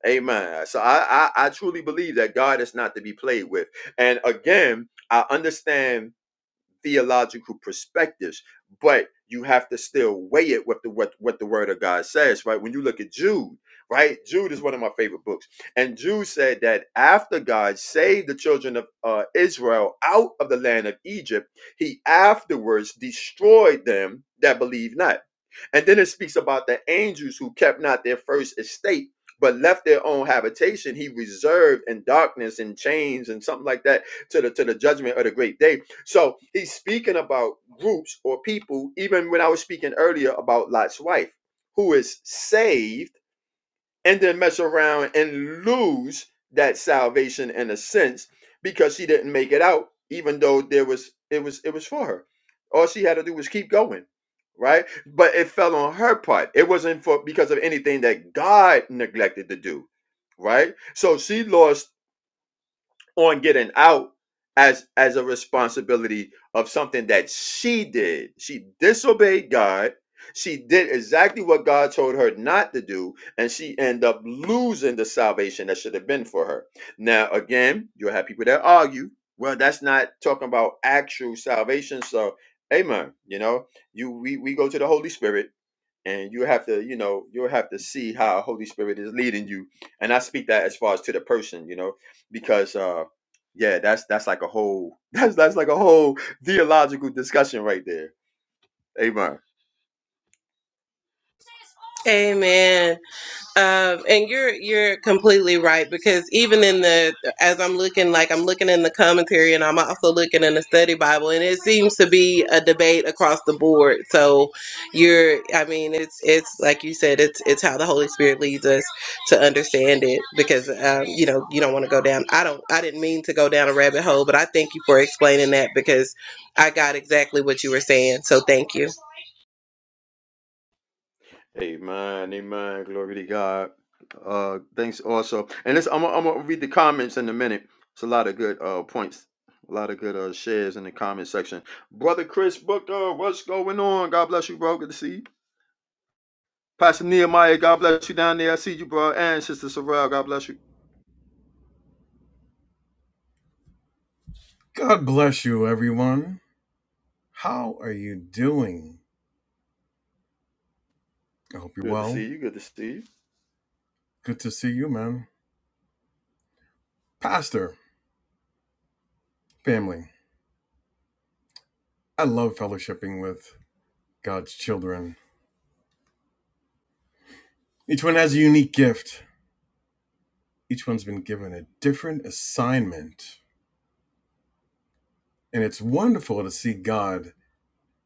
Speaker 3: Amen. So I, I, I truly believe that God is not to be played with. And again, I understand theological perspectives, but you have to still weigh it with the what, what the word of God says, right? When you look at Jude, right? Jude is one of my favorite books. And Jude said that after God saved the children of uh, Israel out of the land of Egypt, he afterwards destroyed them that believe not. And then it speaks about the angels who kept not their first estate, but left their own habitation. He reserved in darkness and chains and something like that to the to the judgment of the great day. So he's speaking about groups or people, even when I was speaking earlier about Lot's wife, who is saved and then mess around and lose that salvation in a sense because she didn't make it out even though there was it was it was for her all she had to do was keep going right but it fell on her part it wasn't for because of anything that god neglected to do right so she lost on getting out as as a responsibility of something that she did. She disobeyed God. She did exactly what God told her not to do, and she ended up losing the salvation that should have been for her. Now, again, you'll have people that argue, well, that's not talking about actual salvation. So, amen. You know, you we, we go to the Holy Spirit and you have to you know you'll have to see how holy spirit is leading you and i speak that as far as to the person you know because uh yeah that's that's like a whole that's that's like a whole theological discussion right there amen
Speaker 8: Amen. Um, and you're you're completely right because even in the as I'm looking like I'm looking in the commentary and I'm also looking in the study Bible and it seems to be a debate across the board. So you're I mean it's it's like you said it's it's how the Holy Spirit leads us to understand it because um, you know you don't want to go down I don't I didn't mean to go down a rabbit hole but I thank you for explaining that because I got exactly what you were saying. So thank you.
Speaker 3: amen amen glory to god uh thanks also and this i'm gonna I'm gonna read the comments in a minute it's a lot of good uh points a lot of good uh shares in the comment section brother chris booker what's going on god bless you bro good to see you Pastor Nehemiah, God bless you down there. I see you, bro. And Sister Sorrell, God bless you.
Speaker 9: God bless you, everyone. How are you doing? I hope you're
Speaker 3: Good to
Speaker 9: well.
Speaker 3: see you. Good to see you.
Speaker 9: Good to see you, man. Pastor, family, I love fellowshipping with God's children. Each one has a unique gift, each one's been given a different assignment, and it's wonderful to see God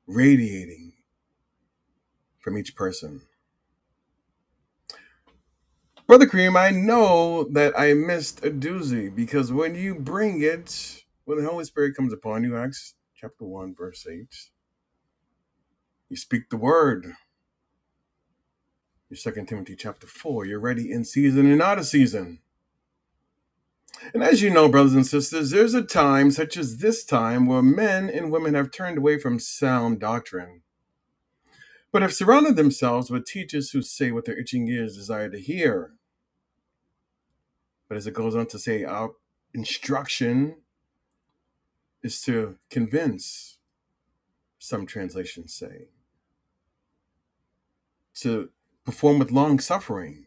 Speaker 9: radiating from each person. Brother Cream, I know that I missed a doozy because when you bring it, when the Holy Spirit comes upon you, Acts chapter 1, verse 8, you speak the word Your Second Timothy chapter four. You're ready in season and out of season. And as you know, brothers and sisters, there's a time such as this time where men and women have turned away from sound doctrine, but have surrounded themselves with teachers who say what their itching ears desire to hear. But as it goes on to say, our instruction is to convince, some translations say, to perform with long suffering,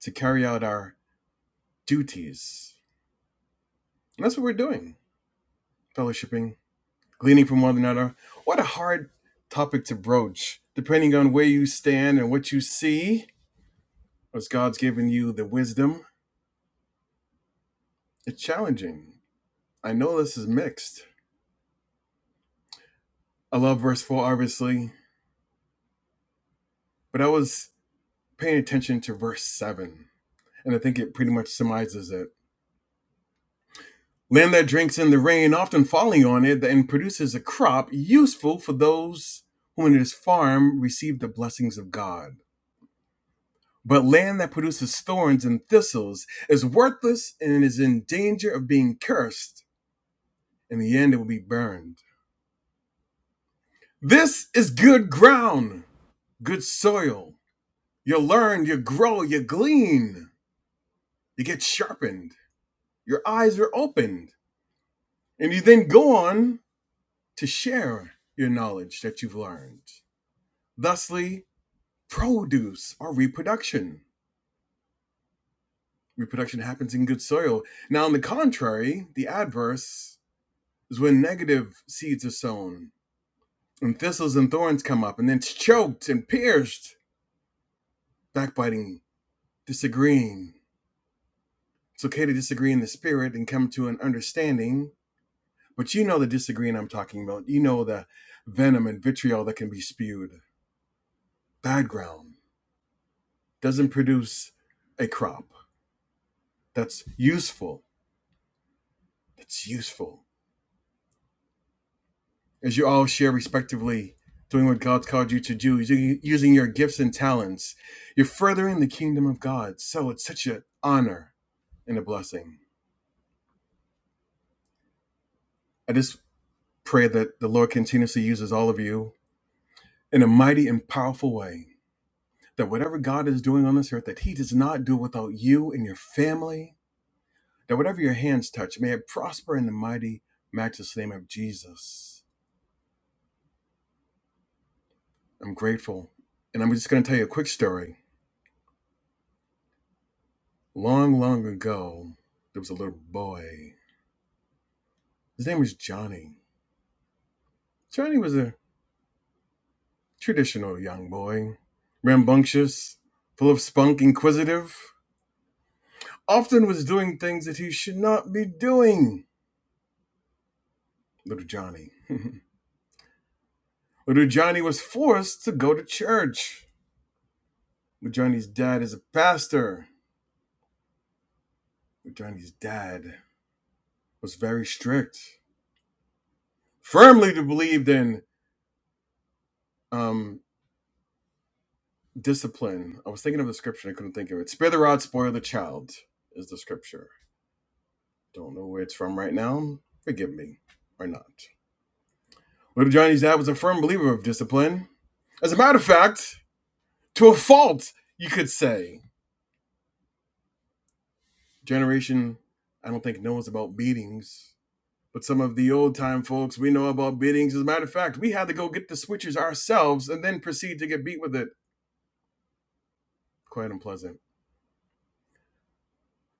Speaker 9: to carry out our duties. And that's what we're doing, fellowshipping gleaning from one another. What a hard topic to broach, depending on where you stand and what you see, as God's given you the wisdom. It's challenging. I know this is mixed. I love verse 4, obviously, but I was paying attention to verse 7, and I think it pretty much summarizes it. Land that drinks in the rain, often falling on it, and produces a crop useful for those who in his farm receive the blessings of God. But land that produces thorns and thistles is worthless and is in danger of being cursed. In the end, it will be burned. This is good ground, good soil. You learn, you grow, you glean, you get sharpened, your eyes are opened, and you then go on to share your knowledge that you've learned. Thusly, produce or reproduction. Reproduction happens in good soil. Now, on the contrary, the adverse is when negative seeds are sown and thistles and thorns come up and then it's choked and pierced. Backbiting, disagreeing. It's okay to disagree in the spirit and come to an understanding, but you know the disagreeing I'm talking about. You know the venom and vitriol that can be spewed. Bad ground doesn't produce a crop that's useful. That's useful. as you all share respectively, doing what God's called you to do, using using your gifts and talents. You're furthering the kingdom of God. So it's such an honor and a blessing. I just pray that the Lord continuously uses all of you in a mighty and powerful way. That whatever God is doing on this earth, that He does not do without you and your family. That whatever your hands touch, may it prosper in the mighty, matchless name of Jesus. I'm grateful. And I'm just going to tell you a quick story Long, long ago, there was a little boy. His name was Johnny. Johnny was a traditional young boy, rambunctious, full of spunk, inquisitive, often was doing things that he should not be doing. Little Johnny. little Johnny was forced to go to church. Little Johnny's dad is a pastor. Little Johnny's dad was very strict, firmly to believe in um, discipline. I was thinking of the scripture, I couldn't think of it. Spare the rod, spoil the child is the scripture. Don't know where it's from right now. Forgive me, or not. Little Johnny's dad was a firm believer of discipline. As a matter of fact, to a fault, you could say. Generation, I don't think knows about beatings, but some of the old time folks we know about beatings. As a matter of fact, we had to go get the switches ourselves and then proceed to get beat with it. Quite unpleasant.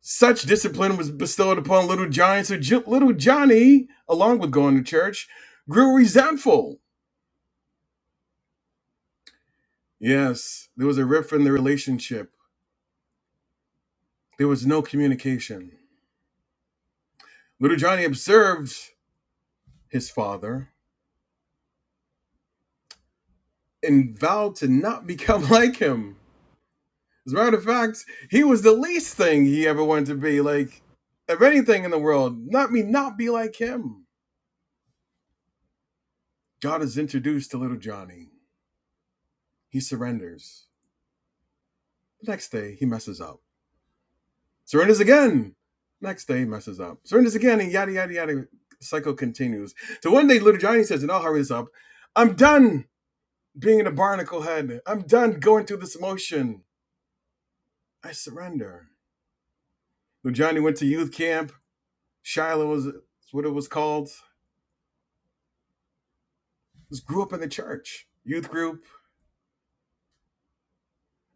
Speaker 9: Such discipline was bestowed upon Little Johnny, so J- Little Johnny, along with going to church, grew resentful. Yes, there was a rift in the relationship. There was no communication. Little Johnny observed his father and vowed to not become like him. As a matter of fact, he was the least thing he ever wanted to be. Like, of anything in the world, let me not be like him. God is introduced to Little Johnny. He surrenders. The next day, he messes up. Surrenders again. Next day, he messes up. Surrenders again, and yada, yada, yada. The cycle continues. So one day, little Johnny says, and I'll hurry this up I'm done being in a barnacle head. I'm done going through this motion. I surrender. Little Johnny went to youth camp. Shiloh was what it was called. Just grew up in the church, youth group.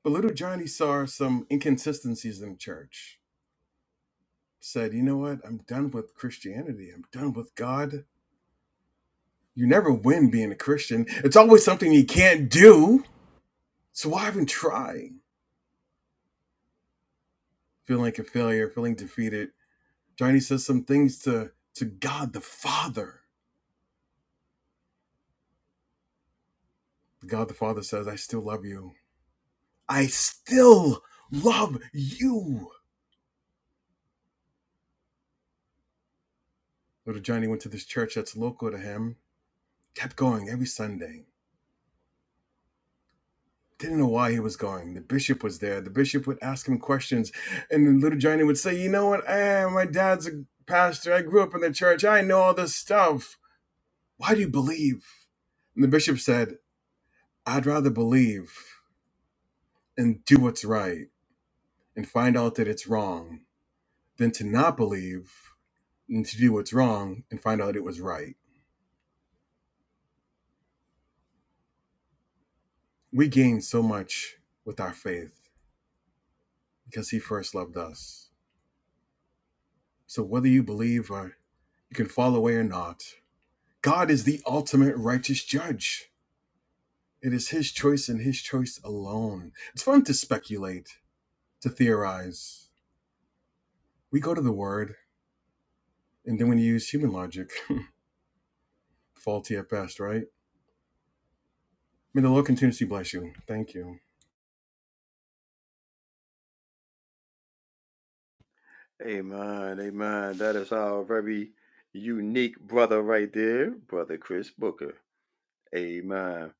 Speaker 9: But little Johnny saw some inconsistencies in the church. Said, you know what? I'm done with Christianity. I'm done with God. You never win being a Christian. It's always something you can't do So while I've been trying, feeling like a failure, feeling defeated, Johnny says some things to, to God the Father. God the Father says, I still love you. I still love you. Little Johnny went to this church that's local to him, kept going every Sunday. Didn't know why he was going. The bishop was there. The bishop would ask him questions. And then little Johnny would say, You know what? Eh, my dad's a pastor. I grew up in the church. I know all this stuff. Why do you believe? And the bishop said, I'd rather believe and do what's right and find out that it's wrong than to not believe and to do what's wrong and find out that it was right. We gain so much with our faith because He first loved us. So whether you believe or you can fall away or not, God is the ultimate righteous judge. It is His choice and His choice alone. It's fun to speculate, to theorize. We go to the Word and then we use human logic, faulty at best, right? May the Lord continuously bless you. Thank you.
Speaker 3: Amen. Amen. That is our very unique brother right there, Brother Chris Booker. Amen.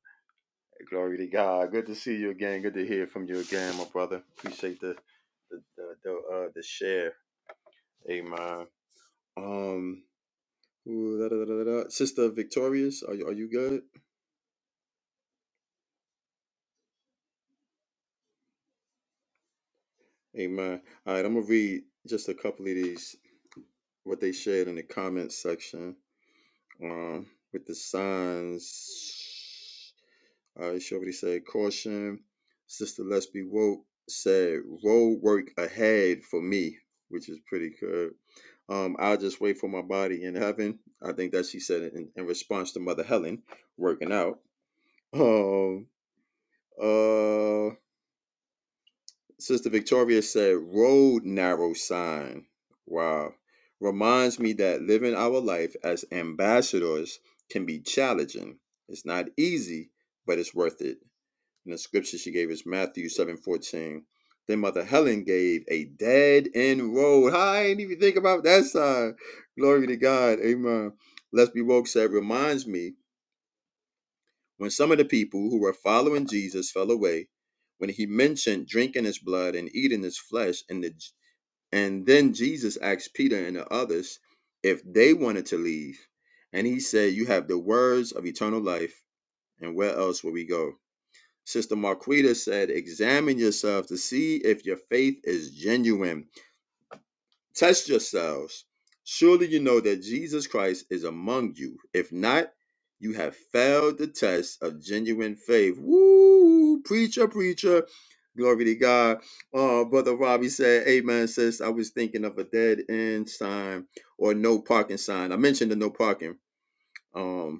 Speaker 3: Glory to God. Good to see you again. Good to hear from you again, my brother. Appreciate the the the, the, uh, the share. Amen. Um, ooh, da, da, da, da, da. Sister Victorious, are you, are you good? Amen. All right, I'm gonna read just a couple of these what they shared in the comments section. um, with the signs. Uh, she already said caution. Sister Let's Be Woke said road work ahead for me, which is pretty good. Um, I'll just wait for my body in heaven. I think that she said it in, in response to Mother Helen working out. Um, uh, Sister Victoria said, road narrow sign. Wow. Reminds me that living our life as ambassadors can be challenging. It's not easy, but it's worth it. And the scripture she gave is Matthew seven fourteen. Then Mother Helen gave a dead end road. I ain't even think about that sign. Glory to God. Amen. Let's be woke said, reminds me when some of the people who were following Jesus fell away, when he mentioned drinking his blood and eating his flesh, and the and then Jesus asked Peter and the others if they wanted to leave, and he said, "You have the words of eternal life, and where else will we go?" Sister Marquita said, "Examine yourself to see if your faith is genuine." Test yourselves. Surely you know that Jesus Christ is among you. If not, you have failed the test of genuine faith. Woo! Preacher, preacher. Glory to God. Oh, Brother Robbie said, Amen, sis. I was thinking of a dead end sign or no parking sign. I mentioned the no parking. Um.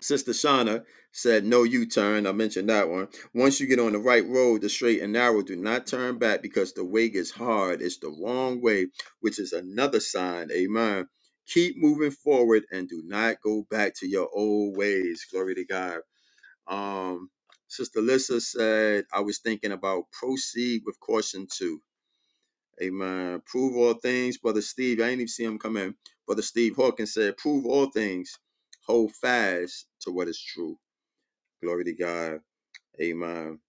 Speaker 3: Sister Shauna said, No U turn. I mentioned that one. Once you get on the right road, the straight and narrow, do not turn back because the way gets hard. It's the wrong way, which is another sign. Amen. Keep moving forward and do not go back to your old ways. Glory to God. Um, Sister Lissa said, I was thinking about proceed with caution too. Amen. Prove all things. Brother Steve, I ain't even see him come in. Brother Steve Hawkins said, Prove all things. Hold fast to what is true Glory to God. Amen.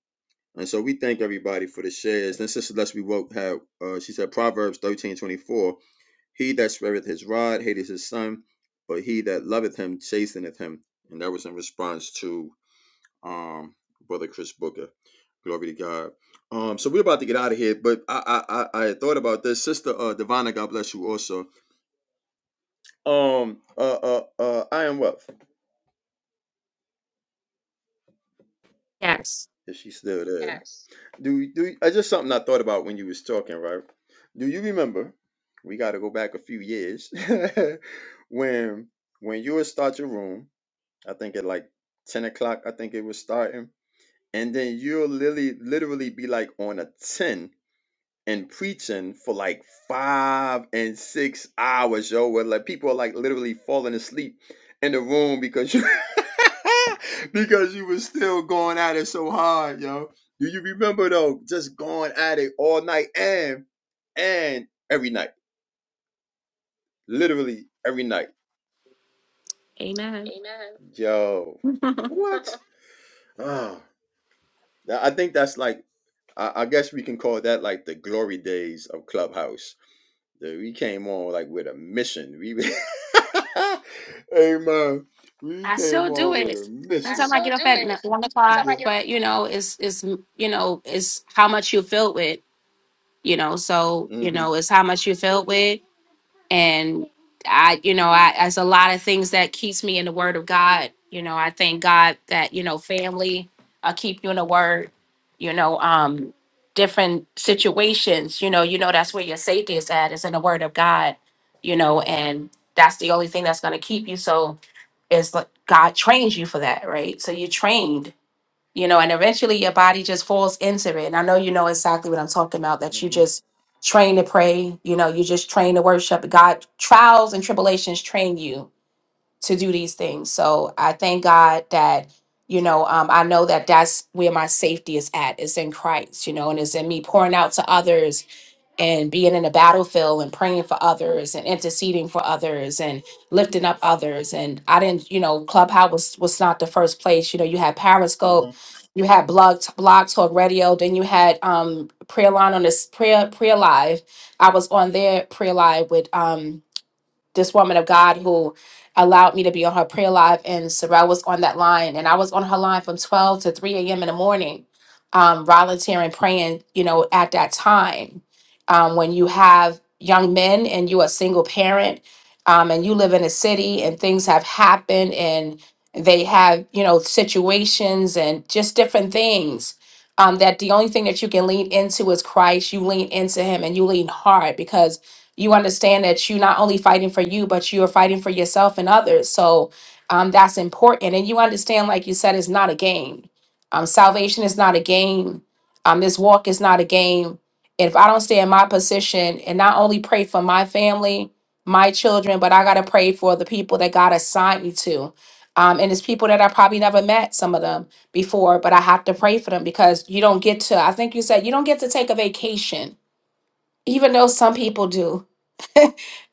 Speaker 3: And so we thank everybody for the shares. And Sister Leslie Woke had, uh, she said, Proverbs thirteen twenty four. He that sweareth his rod hateth his son, but he that loveth him chasteneth him. And that was in response to um, Brother Chris Booker. Glory to God. Um, so we're about to get out of here, but I I I, I had thought about this. Sister uh Divana, God bless you also. Um uh uh uh I am what?
Speaker 7: Yes.
Speaker 3: Is she still there? Do do I just something I thought about when you was talking, right? Do you remember? We got to go back a few years when when you would start your room. I think at like ten o'clock. I think it was starting, and then you'll literally literally be like on a ten and preaching for like five and six hours, yo, where like people are like literally falling asleep in the room because you because you were still going at it so hard, yo. Do you remember though, just going at it all night and and every night, literally every night,
Speaker 7: Amen.
Speaker 3: yo. What? Oh, I I think that's like I, I guess we can call that like the glory days of Clubhouse Dude, we came on like with a mission. We, hey man, we
Speaker 7: I
Speaker 3: came
Speaker 7: still do
Speaker 3: on with
Speaker 7: it.
Speaker 3: a I mission.
Speaker 7: Sometimes I get up at n- one o'clock, but you know, it's it's you know, it's how much you filled with, you know. So,
Speaker 3: Yeah.
Speaker 7: you
Speaker 3: get Mhm.
Speaker 7: know, it's how much you filled with and i you know i as a lot of things that keeps me in the word of god you know i thank god that you know family i keep you in the word you know um different situations you know you know that's where your safety is at is in the word of god you know and that's the only thing that's going to keep you so it's like god trains you for that right so you're trained you know, and eventually your body just falls into it. And I know you know exactly what I'm talking about that you
Speaker 3: Mhm.
Speaker 7: just train to pray, you know, you just train to worship. God, trials and tribulations train you to do these things. So I thank God that, you know, um, I know that that's where my safety is at, it's in Christ, you know, and it's in me pouring out to others and being in a battlefield and praying for others and interceding for others and lifting up others. And I didn't, you know, Clubhouse was was not the first place. You know, you had Periscope,
Speaker 3: Mhm.
Speaker 7: you had Blog Blog Talk Radio, then you had um Prayer Line on this Prayer Prayer Live. I was on there Prayer Live with um this woman of God who allowed me to be on her prayer live, and Sorrel was on that line, and I was on her line from 12 to 3 a.m. in the morning, um, volunteering, praying, you know, at that time. Um, when you have young men and you're a single parent, um, and you live in a city and things have happened and they have, you know, situations and just different things. Um, that the only thing that you can lean into is Christ. You lean into Him and you lean hard because you understand that you're not only fighting for you, but you are fighting for yourself and others. So um, that's important. And you understand, like you said, it's not a game. Um, salvation is not a game. Um, this walk is not a game. If I don't stay in my position and not only pray for my family, my children, but I got to pray for the people that God assigned me to. Um, and it's people that I probably never met, some of them before, but I have to pray for them because you don't get to, I think you said, you don't get to take a vacation, even though some people do.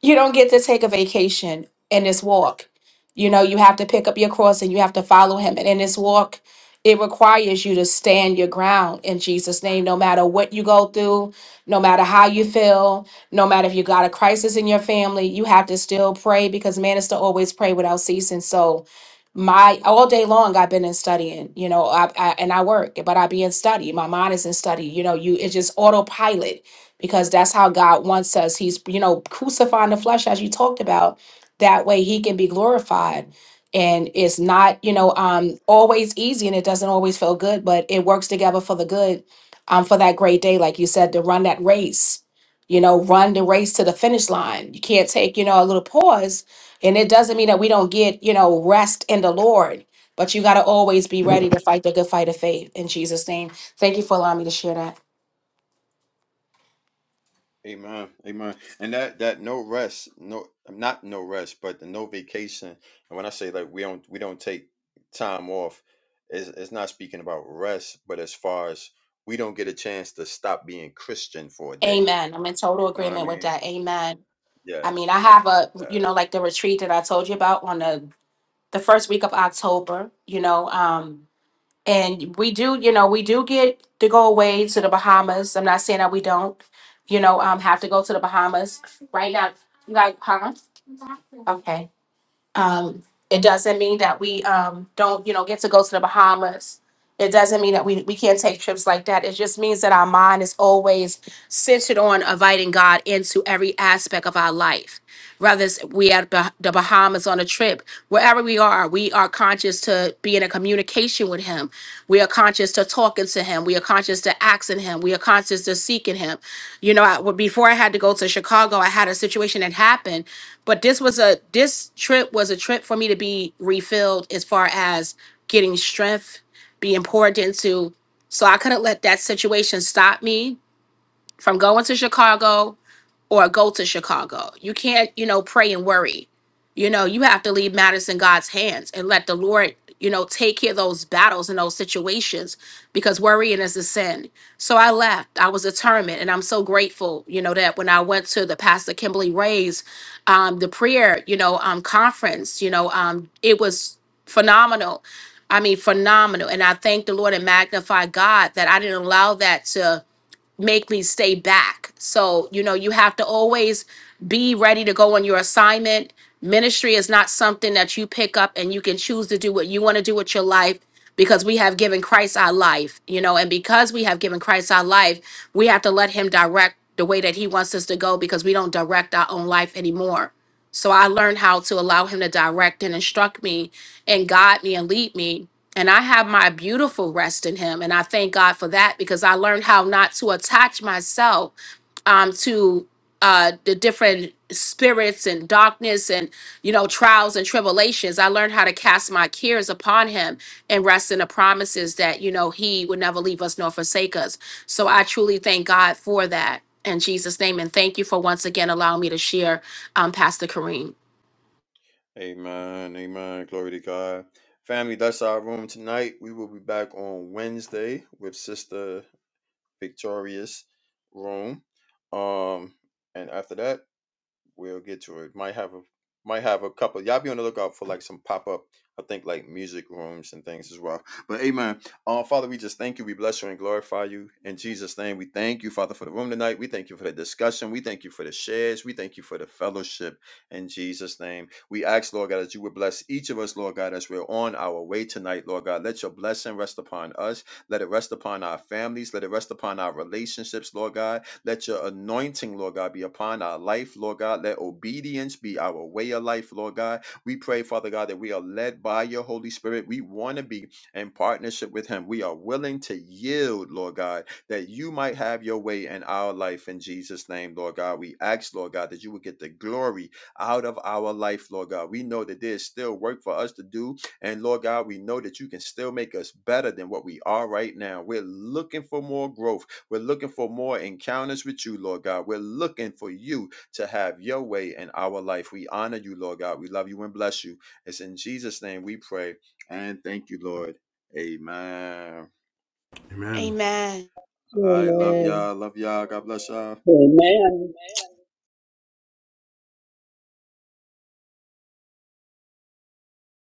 Speaker 7: you don't get to take a vacation in this walk. You know, you have to pick up your cross and you have to follow him. And in this walk, it requires you to stand your ground in Jesus' name, no matter what you go through, no matter how you feel, no matter if you got a crisis in your family, you have to still pray because man is to always pray without ceasing. So, my all day long, I've been in studying, you know, I, I and I work, but I be in study. My mind is in study. You know, you it's just autopilot because that's how God wants us. He's, you know, crucifying the flesh, as you talked about. That way he can be glorified. And it's not, you know, um, always easy and it doesn't always feel good, but it works together for the good, um, for that great day, like you said, to run that race, you know, run the race to the finish line. You can't take, you know, a little pause. And it doesn't mean that we don't get, you know, rest in the Lord, but you got to always be ready to fight the good fight of faith in Jesus' name. Thank you for allowing me to share that.
Speaker 3: Amen. Amen. And that that no rest, no not no rest, but the no vacation. And when I say like we don't we don't take time off, it's, it's not speaking about rest, but as far as we don't get a chance to stop being Christian for a day.
Speaker 7: Amen. I'm in total
Speaker 3: You know what I
Speaker 7: agreement with
Speaker 3: mean?
Speaker 7: that. Amen. I
Speaker 3: Yeah.
Speaker 7: mean, I have a,
Speaker 3: yeah.
Speaker 7: you know, like the retreat that I told you about on the the first week of October, you know, um and we do, you know, we do get to go away to the Bahamas. I'm not saying that we don't, you know, um have to go to the Bahamas right now. Like, huh? Okay. Um, it doesn't mean that we um, don't, you know, get to go to the Bahamas. It doesn't mean that we, we can't take trips like that. It just means that our mind is always centered on inviting God into every aspect of our life whether it's we at Bah- the Bahamas on a trip, wherever we are, we are conscious to be in a communication with Him. We are conscious to talking to Him. We are conscious to asking Him. We are conscious to seeking Him. You know, I, well, before I had to go to Chicago, I had a situation that happened, but this was a this trip was a trip for me to be refilled as far as getting strength, being poured into. So I couldn't let that situation stop me from going to Chicago or go to Chicago. You can't, you know, pray and worry. You know, you have to leave matters in God's hands and let the Lord, you know, take care of those battles and those situations because worrying is a sin. So I left. I was determined, and I'm so grateful, you know, that when I went to the Pastor Kimberly Ray's, um, the prayer, you know, um, conference, you know, um, it was phenomenal. I mean, phenomenal. And I thank the Lord and magnify God that I didn't allow that to make me stay back. So, you know, you have to always be ready to go on your assignment. Ministry is not something that you pick up and you can choose to do what you want to do with your life because we have given Christ our life, you know, and because we have given Christ our life, we have to let him direct the way that he wants us to go because we don't direct our own life anymore. So I learned how to allow him to direct and instruct me and guide me and lead me. And I have my beautiful rest in him. And I thank God for that because I learned how not to attach myself um, to uh the different spirits and darkness and you know trials and tribulations i learned how to cast my cares upon him and rest in the promises that you know he would never leave us nor forsake us so i truly thank god for that in jesus name and thank you for once again allowing me to share um pastor kareem
Speaker 3: Amen. Amen. Glory to God. Family, that's our room tonight. We will be back on Wednesday with Sister Victorious Room. Um, and after that, We'll get to it. Might have a might have a couple. Y'all be on the lookout for like some pop up. I think like music rooms and things as well. But amen. Uh, Father, we just thank you. We bless you and glorify you in Jesus' name. We thank you, Father, for the room tonight. We thank you for the discussion. We thank you for the shares. We thank you for the fellowship in Jesus' name. We ask, Lord God, that you would bless each of us, Lord God, as we're on our way tonight, Lord God. Let your blessing rest upon us. Let it rest upon our families. Let it rest upon our relationships, Lord God. Let your anointing, Lord God, be upon our life, Lord God. Let obedience be our way of life, Lord God. We pray, Father God, that we are led by your Holy Spirit. We want to be in partnership with him. We are willing to yield, Lord God, that you might have your way in our life in Jesus' name, Lord God. We ask, Lord God, that you would get the glory out of our life, Lord God. We know that there's still work for us to do. And Lord God, we know that you can still make us better than what we are right now. We're looking for more growth. We're looking for more encounters with you, Lord God. We're looking for you to have your way in our life. We honor you, Lord God. We love you and bless you. It's in Jesus' name we pray and thank you, Lord. Amen.
Speaker 9: Amen.
Speaker 7: amen
Speaker 3: All right. Love Amen. y'all. Love y'all. God bless y'all.
Speaker 6: Amen.